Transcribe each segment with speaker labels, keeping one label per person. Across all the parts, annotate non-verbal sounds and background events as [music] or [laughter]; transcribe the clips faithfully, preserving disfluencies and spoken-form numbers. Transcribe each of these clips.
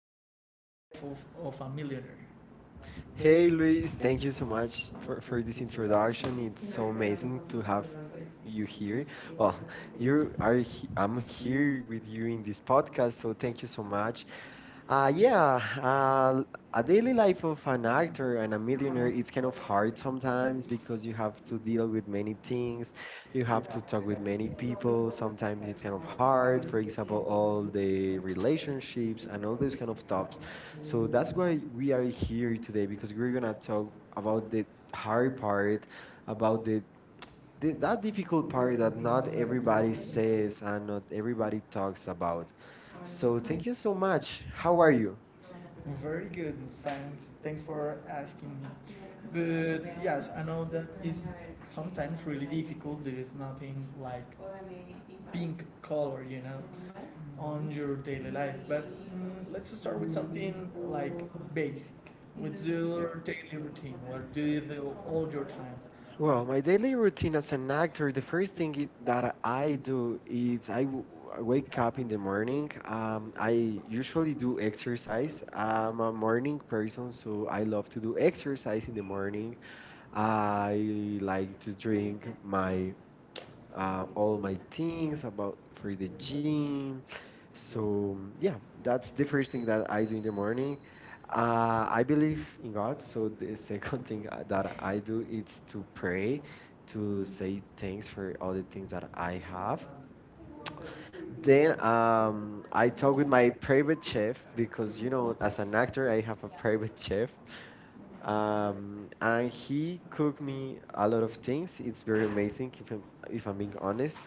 Speaker 1: is the life of, of a millionaire.
Speaker 2: Hey
Speaker 1: Hey Luis,
Speaker 2: Luis, thank
Speaker 1: thank
Speaker 2: you
Speaker 1: you so
Speaker 2: so
Speaker 1: much
Speaker 2: much for,
Speaker 1: for,
Speaker 2: for
Speaker 1: this
Speaker 2: this
Speaker 1: introduction.
Speaker 2: introduction. It's
Speaker 1: It's so
Speaker 2: so
Speaker 1: amazing
Speaker 2: amazing to
Speaker 1: to have
Speaker 2: have you
Speaker 1: you here.
Speaker 2: here.
Speaker 1: Well,
Speaker 2: Well,
Speaker 1: you
Speaker 2: you are
Speaker 1: are.
Speaker 2: he-
Speaker 1: I'm
Speaker 2: I'm
Speaker 1: here
Speaker 2: here with
Speaker 1: with you
Speaker 2: you
Speaker 1: in
Speaker 2: in this
Speaker 1: this
Speaker 2: podcast,
Speaker 1: podcast, so
Speaker 2: so
Speaker 1: thank
Speaker 2: thank you
Speaker 1: you so
Speaker 2: so much.
Speaker 1: much.
Speaker 2: Uh,
Speaker 1: Uh,
Speaker 2: yeah,
Speaker 1: yeah, uh,
Speaker 2: uh, a
Speaker 1: a
Speaker 2: daily
Speaker 1: daily life
Speaker 2: life of
Speaker 1: of an
Speaker 2: an
Speaker 1: actor
Speaker 2: actor and
Speaker 1: and
Speaker 2: a
Speaker 1: a
Speaker 2: millionaire,
Speaker 1: millionaire,
Speaker 2: it's
Speaker 1: it's
Speaker 2: kind
Speaker 1: kind
Speaker 2: of
Speaker 1: of
Speaker 2: hard
Speaker 1: hard
Speaker 2: sometimes
Speaker 1: sometimes
Speaker 2: because
Speaker 1: because
Speaker 2: you
Speaker 1: you
Speaker 2: have
Speaker 1: have to
Speaker 2: to
Speaker 1: deal
Speaker 2: deal
Speaker 1: with
Speaker 2: with many
Speaker 1: many
Speaker 2: things.
Speaker 1: teams, you
Speaker 2: You have
Speaker 1: have
Speaker 2: to
Speaker 1: to talk
Speaker 2: talk with
Speaker 1: with many
Speaker 2: many
Speaker 1: people,
Speaker 2: people.
Speaker 1: sometimes
Speaker 2: Sometimes it's
Speaker 1: it's
Speaker 2: kind of
Speaker 1: hard,
Speaker 2: hard.
Speaker 1: for
Speaker 2: For example,
Speaker 1: example, now with
Speaker 2: all the
Speaker 1: the things issues
Speaker 2: relationships
Speaker 1: and
Speaker 2: and all
Speaker 1: all
Speaker 2: those
Speaker 1: those
Speaker 2: kind
Speaker 1: kind
Speaker 2: of
Speaker 1: of
Speaker 2: stuffs.
Speaker 1: stuff. So
Speaker 2: So
Speaker 1: that's
Speaker 2: that's
Speaker 1: why we
Speaker 2: why we
Speaker 1: are
Speaker 2: are
Speaker 1: here to
Speaker 2: here today
Speaker 1: because
Speaker 2: because
Speaker 1: we're
Speaker 2: we're gonna
Speaker 1: gonna talk
Speaker 2: talk
Speaker 1: about
Speaker 2: about the hard
Speaker 1: hard
Speaker 2: part, about
Speaker 1: about
Speaker 2: the,
Speaker 1: the,
Speaker 2: the
Speaker 1: that
Speaker 2: that difficult
Speaker 1: difficult part
Speaker 2: part that
Speaker 1: that not
Speaker 2: not
Speaker 1: everybody
Speaker 2: everybody
Speaker 1: says and
Speaker 2: says and not
Speaker 1: everybody about.
Speaker 2: everybody talks about.
Speaker 1: So
Speaker 2: So
Speaker 1: thank
Speaker 2: thank
Speaker 1: you
Speaker 2: you so
Speaker 1: so much.
Speaker 2: much. How
Speaker 1: How are
Speaker 2: are
Speaker 1: you?
Speaker 2: you?
Speaker 1: Very good, thanks. Thanks for asking. But yes, I know that is sometimes really difficult. There is nothing like pink color, you know, on your daily life. But mm, let's start with something like basic. What's your daily routine? What do you do all your time?
Speaker 2: Well,
Speaker 1: Well,
Speaker 2: my daily routine as an
Speaker 1: like
Speaker 2: actor, the first thing it,
Speaker 1: think that
Speaker 2: that
Speaker 1: I
Speaker 2: I
Speaker 1: do
Speaker 2: do
Speaker 1: not eat.
Speaker 2: is I w-
Speaker 1: I wake
Speaker 2: wake
Speaker 1: up
Speaker 2: up in
Speaker 1: in
Speaker 2: the
Speaker 1: the morning.
Speaker 2: morning.
Speaker 1: Um,
Speaker 2: Um,
Speaker 1: I
Speaker 2: I
Speaker 1: usually
Speaker 2: usually
Speaker 1: do
Speaker 2: do
Speaker 1: exercise,
Speaker 2: exercise. I'm a
Speaker 1: and
Speaker 2: morning person, so
Speaker 1: also I
Speaker 2: I
Speaker 1: love
Speaker 2: love
Speaker 1: to
Speaker 2: to do
Speaker 1: do exercise
Speaker 2: exercise in
Speaker 1: in
Speaker 2: the
Speaker 1: the morning.
Speaker 2: morning.
Speaker 1: Uh,
Speaker 2: I
Speaker 1: I I like
Speaker 2: like
Speaker 1: to
Speaker 2: to
Speaker 1: train
Speaker 2: drink
Speaker 1: with my
Speaker 2: my uh,
Speaker 1: uh, all
Speaker 2: all my
Speaker 1: my teams,
Speaker 2: things about for
Speaker 1: the
Speaker 2: the
Speaker 1: gym.
Speaker 2: gym.
Speaker 1: So
Speaker 2: So yeah,
Speaker 1: that's
Speaker 2: that's
Speaker 1: the
Speaker 2: the
Speaker 1: first
Speaker 2: first
Speaker 1: thing
Speaker 2: thing
Speaker 1: that
Speaker 2: that
Speaker 1: I
Speaker 2: I
Speaker 1: do
Speaker 2: do in the
Speaker 1: normally.
Speaker 2: morning.
Speaker 1: Uh,
Speaker 2: Uh,
Speaker 1: I
Speaker 2: I believe
Speaker 1: believe
Speaker 2: in
Speaker 1: God,
Speaker 2: God,
Speaker 1: so
Speaker 2: so the [laughs]
Speaker 1: the second
Speaker 2: second
Speaker 1: thing
Speaker 2: thing uh,
Speaker 1: that
Speaker 2: that
Speaker 1: I
Speaker 2: I
Speaker 1: do
Speaker 2: do is
Speaker 1: is to
Speaker 2: to
Speaker 1: pray,
Speaker 2: pray, to
Speaker 1: to say
Speaker 2: say
Speaker 1: thanks
Speaker 2: thanks
Speaker 1: for
Speaker 2: for
Speaker 1: all
Speaker 2: all the
Speaker 1: the
Speaker 2: things
Speaker 1: things that
Speaker 2: that
Speaker 1: I
Speaker 2: I have.
Speaker 1: have. Then
Speaker 2: Then
Speaker 1: um,
Speaker 2: um,
Speaker 1: I
Speaker 2: I talk
Speaker 1: talk
Speaker 2: with
Speaker 1: with
Speaker 2: my
Speaker 1: my
Speaker 2: private
Speaker 1: parents
Speaker 2: chef
Speaker 1: because
Speaker 2: because
Speaker 1: you
Speaker 2: you
Speaker 1: know,
Speaker 2: know,
Speaker 1: as
Speaker 2: as
Speaker 1: an
Speaker 2: an actor,
Speaker 1: actor,
Speaker 2: I have a
Speaker 1: I pray
Speaker 2: private [laughs]
Speaker 1: too.
Speaker 2: chef.
Speaker 1: Um,
Speaker 2: Um,
Speaker 1: and
Speaker 2: and he
Speaker 1: he could
Speaker 2: cooked
Speaker 1: me
Speaker 2: me
Speaker 1: a
Speaker 2: a
Speaker 1: lot
Speaker 2: lot of
Speaker 1: of
Speaker 2: things.
Speaker 1: things. It's
Speaker 2: It's
Speaker 1: very
Speaker 2: very
Speaker 1: amazing,
Speaker 2: amazing if I'm,
Speaker 1: if
Speaker 2: if I'm
Speaker 1: I'm
Speaker 2: being
Speaker 1: being honest.
Speaker 2: honest.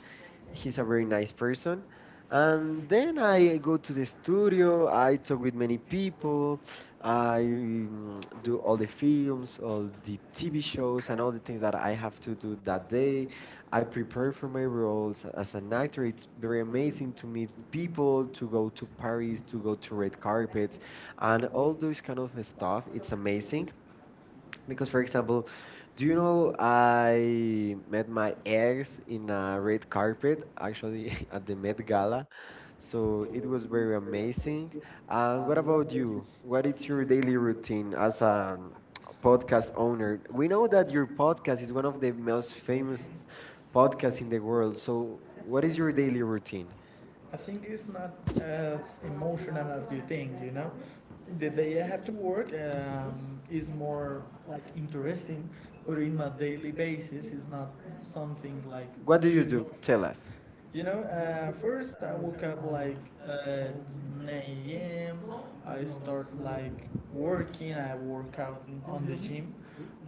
Speaker 1: He's
Speaker 2: He's
Speaker 1: a
Speaker 2: a
Speaker 1: very
Speaker 2: very
Speaker 1: nice
Speaker 2: nice person.
Speaker 1: person. And
Speaker 2: And then
Speaker 1: I
Speaker 2: I go to the studio,
Speaker 1: studio, I
Speaker 2: I talk
Speaker 1: talk
Speaker 2: with many
Speaker 1: people,
Speaker 2: people, I
Speaker 1: I
Speaker 2: mm,
Speaker 1: do
Speaker 2: do
Speaker 1: all
Speaker 2: all the
Speaker 1: the videos,
Speaker 2: films,
Speaker 1: all
Speaker 2: all the
Speaker 1: the
Speaker 2: T V
Speaker 1: T V shows,
Speaker 2: shows,
Speaker 1: and
Speaker 2: and all the
Speaker 1: everything
Speaker 2: things
Speaker 1: that
Speaker 2: that
Speaker 1: I
Speaker 2: I
Speaker 1: have
Speaker 2: have
Speaker 1: to
Speaker 2: to
Speaker 1: do
Speaker 2: do that
Speaker 1: that day.
Speaker 2: day.
Speaker 1: I
Speaker 2: I
Speaker 1: prepare
Speaker 2: prepare
Speaker 1: for
Speaker 2: for my
Speaker 1: my roles
Speaker 2: roles as
Speaker 1: as
Speaker 2: an
Speaker 1: an
Speaker 2: actor.
Speaker 1: actor.
Speaker 2: It's
Speaker 1: It's
Speaker 2: very
Speaker 1: very amazing
Speaker 2: amazing
Speaker 1: to
Speaker 2: to
Speaker 1: meet
Speaker 2: meet
Speaker 1: people,
Speaker 2: people,
Speaker 1: to
Speaker 2: to
Speaker 1: go
Speaker 2: go
Speaker 1: to
Speaker 2: to Paris,
Speaker 1: parties, to
Speaker 2: to go
Speaker 1: go to
Speaker 2: to
Speaker 1: red
Speaker 2: red carpets,
Speaker 1: carpets,
Speaker 2: and
Speaker 1: and
Speaker 2: all
Speaker 1: all this
Speaker 2: those kind
Speaker 1: kind
Speaker 2: of
Speaker 1: of stuff.
Speaker 2: stuff.
Speaker 1: It's
Speaker 2: It's amazing.
Speaker 1: amazing
Speaker 2: Because,
Speaker 1: because,
Speaker 2: for
Speaker 1: for
Speaker 2: example,
Speaker 1: example,
Speaker 2: do
Speaker 1: do
Speaker 2: you
Speaker 1: you
Speaker 2: know
Speaker 1: know I
Speaker 2: I met
Speaker 1: at my
Speaker 2: my ex
Speaker 1: ex,
Speaker 2: in a
Speaker 1: uh, red
Speaker 2: red carpet,
Speaker 1: carpet,
Speaker 2: actually
Speaker 1: actually [laughs]
Speaker 2: [laughs]
Speaker 1: at
Speaker 2: at the
Speaker 1: the
Speaker 2: Met
Speaker 1: Met Gala.
Speaker 2: Gala.
Speaker 1: So it
Speaker 2: So
Speaker 1: was
Speaker 2: it was very
Speaker 1: very amazing.
Speaker 2: amazing.
Speaker 1: Uh,
Speaker 2: And what
Speaker 1: what
Speaker 2: about
Speaker 1: about you?
Speaker 2: you? What
Speaker 1: What
Speaker 2: is
Speaker 1: is
Speaker 2: your
Speaker 1: your daily
Speaker 2: daily routine
Speaker 1: routine
Speaker 2: as
Speaker 1: as a
Speaker 2: a podcast
Speaker 1: podcast?
Speaker 2: owner? We
Speaker 1: We
Speaker 2: know
Speaker 1: know
Speaker 2: that
Speaker 1: that
Speaker 2: your
Speaker 1: your
Speaker 2: podcast
Speaker 1: podcast
Speaker 2: is
Speaker 1: is
Speaker 2: one of
Speaker 1: one of
Speaker 2: the
Speaker 1: the
Speaker 2: most
Speaker 1: most
Speaker 2: famous
Speaker 1: famous
Speaker 2: podcasts
Speaker 1: podcasts
Speaker 2: in
Speaker 1: in
Speaker 2: the
Speaker 1: the
Speaker 2: world.
Speaker 1: world. So
Speaker 2: So what
Speaker 1: what
Speaker 2: is
Speaker 1: is
Speaker 2: your
Speaker 1: your daily
Speaker 2: daily
Speaker 1: routine?
Speaker 2: routine?
Speaker 1: I think it's not as emotional as you think, you know. The day I have to work um, is more like interesting, but in my daily basis, it's not something like
Speaker 2: What do
Speaker 1: what do too
Speaker 2: you
Speaker 1: you too do?
Speaker 2: do? Tell us.
Speaker 1: You know, uh, first I woke up like at nine a m. I start like working. I work out in, on the gym.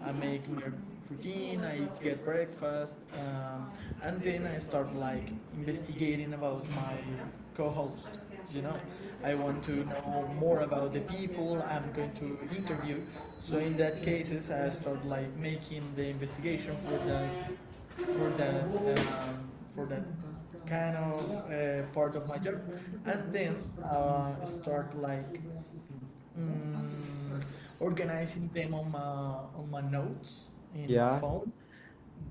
Speaker 1: I make my routine. I get breakfast. Um, and then I start like investigating about my co-host. You know, I want to know more about the people I'm going to interview. So in that cases, I start like making the investigation for that for that um, for that kind of uh, part of my job, and then uh, start like mm, organizing them on my on my notes in my
Speaker 2: Yeah.
Speaker 1: phone